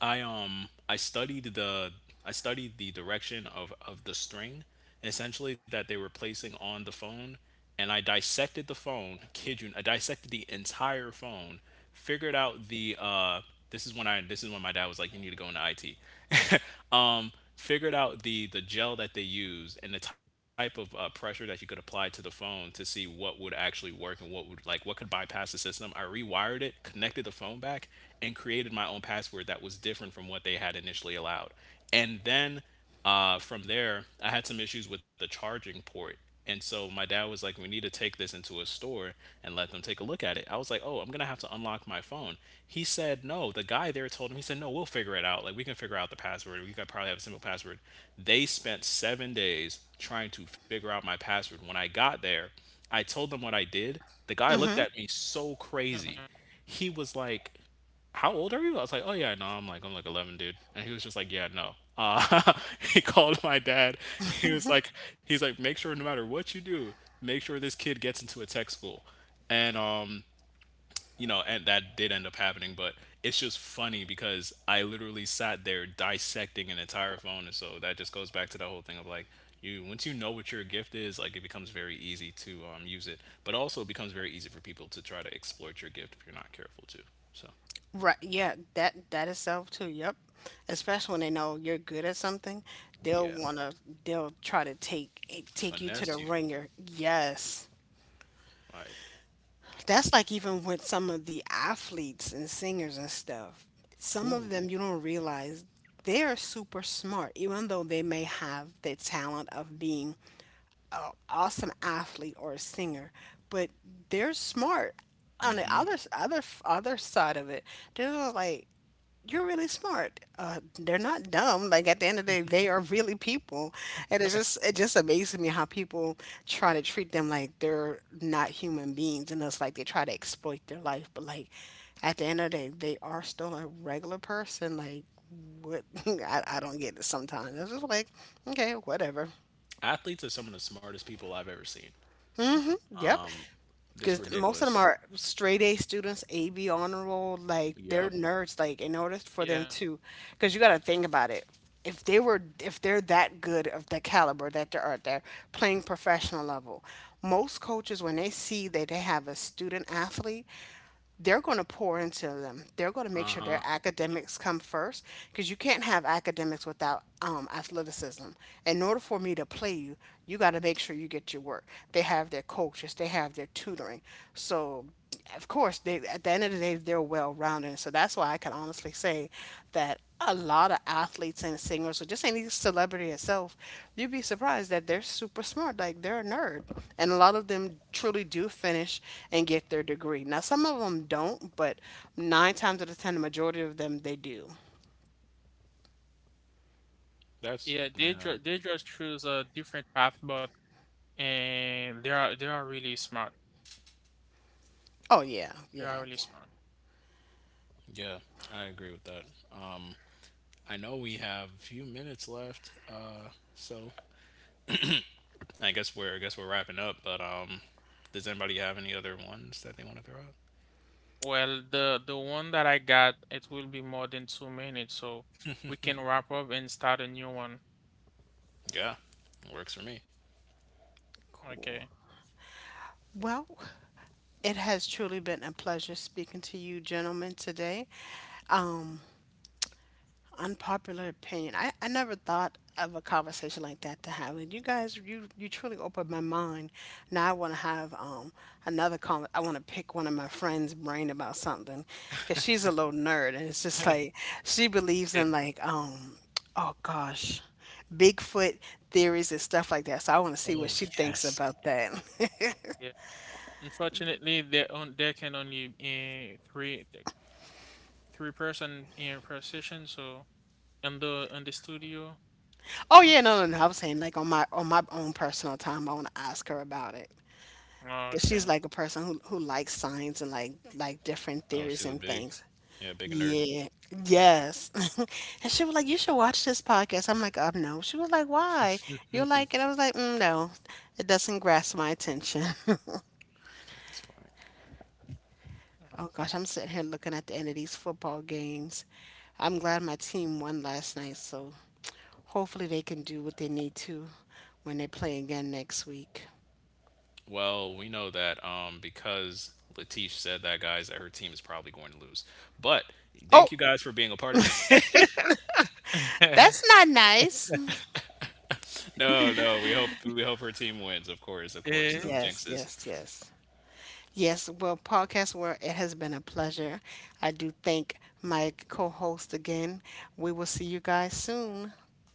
A: I um I studied the I studied the direction of the string, essentially, that they were placing on the phone, and I dissected the phone, kid you, I dissected the entire phone, figured out the this is when my dad was like you need to go into IT. um Figured out the gel that they used and the type of pressure that you could apply to the phone to see what would actually work and what would like what could bypass the system. I rewired it, connected the phone back, and created my own password that was different from what they had initially allowed. And then, from there, I had some issues with the charging port. And so my dad was like, we need to take this into a store and let them take a look at it. I was like, oh, I'm going to have to unlock my phone. He said, no. The guy there told him, he said, no, we'll figure it out. Like, we can figure out the password. We could probably have a simple password. They spent 7 days trying to figure out my password. When I got there, I told them what I did. The guy looked at me so
C: uh
A: crazy. He was like, how old are you? I was like, oh yeah, no, I'm like 11, dude. And he was just like, yeah, no. Uh, he called my dad. He was like, make sure no matter what you do, make sure this kid gets into a tech school. And, you know, and that did end up happening, but it's just funny because I literally sat there dissecting an entire phone. And so that just goes back to the whole thing of like, you, once you know what your gift is, like it becomes very easy to use it, but also it becomes very easy for people to try to exploit your gift if you're not careful too. So,
B: Right, yeah, that itself too. Yep. Especially when they know you're good at something, they'll
A: yeah,
B: wanna they'll try to take take you to
A: finesse
B: the
A: you.
B: ringer. Yes.
A: Like,
B: That's like even with some of the athletes and singers and stuff. Some of
A: who?
B: them you don't realize they're super smart, even though they may have the talent of being an awesome athlete or a singer, but they're smart on the other side of it. They're like you're really smart. They're not dumb. Like at the end of the day, they are really people, and it just amazes me how people try to treat them like they're not human beings, and it's like they try to exploit their life. But like at the end of the day, they are still a regular person. Like what. I don't get it sometimes. It's just like okay, whatever.
A: Athletes are some of the smartest people I've ever seen.
B: Yep.
A: This
B: Because most of them
A: ridiculous.
B: are straight A students, AB honor roll. Like they're
A: Yep.
B: nerds. Like in order for them
C: yeah,
B: to, because you got to think about it. If they're that good of the caliber that they are, they're playing professional level. Most coaches, when they see that they have a student athlete, they're going to pour into them. They're going to make
A: Uh
B: sure
A: huh.
B: their
C: yeah,
B: academics come first because you can't have academics without athleticism. In order for me to play you, you got to make sure you get your work. They have their coaches, they have their tutoring. So, of course, they at the end of the day, they're well rounded, so that's why I can honestly say that a lot of athletes and singers, or just any celebrity itself, you'd be surprised that they're super smart. Like they're a nerd. And a lot of them truly do finish and get their degree. Now, some of them don't, but nine times out of 10, the majority of them, they do.
A: That's
C: yeah. They
A: uh,
C: they just choose a different path, but and they are really smart.
B: Oh, yeah.
C: They
B: Yeah.
C: are really smart.
A: yeah, I agree with that. Um, I know we have a few minutes left. So I guess we're wrapping up. But does anybody have any other ones that they want to throw out?
C: Well, the one that I got, it will be more than 2 minutes, so we can wrap up and start a new one.
A: Yeah, works for me.
B: Cool.
C: Okay.
B: Well, it has truly been a pleasure speaking to you, gentlemen, today. Um, Unpopular opinion. I never thought of a conversation like that to have. And you guys, you truly opened my mind. Now I want to have another con. I want to pick one of my friends' brain about something, cause she's a little nerd, and it's just like she believes
C: Yeah,
B: in like oh gosh, Bigfoot theories and stuff like that. So I want to see
A: Oh
B: what she thinks
A: yes.
B: about that.
C: yeah. Unfortunately, there can only three person in per session, so in the studio.
B: Oh yeah, no, no, no. I was saying like on my own personal time, I want to ask her about it. 'Cause she's
C: Okay.
B: like a person who likes science and like different
A: Oh,
B: theories
A: she's a
B: and
A: big,
B: things.
A: yeah, big nerd.
B: Yeah. Yes. And she was like, "You should watch this podcast." I'm like, no." She was like, "Why? You like it?" I was like, "mm, no, it doesn't grasp my attention."
A: That's funny.
B: Oh gosh, I'm sitting here looking at the end of these football games. I'm glad my team won last night, so hopefully they can do what they need to when they play again next week.
A: Well, we know that because Latif said that, guys, that her team is probably going to lose. But
B: Oh,
A: thank you guys for being a part of that.
B: that's not nice.
A: No, no, we hope her team wins. Of course, no
C: Eh?
B: Yes,
A: jinxes.
B: yes, yes. Yes, well, podcast world, it has been a pleasure. I do thank my co host again. We will see you guys soon.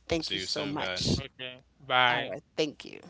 B: Thank
A: See
B: you
A: you
B: so
A: soon, guys.
B: much.
C: Okay.
B: All
C: Bye.
B: right. Thank you.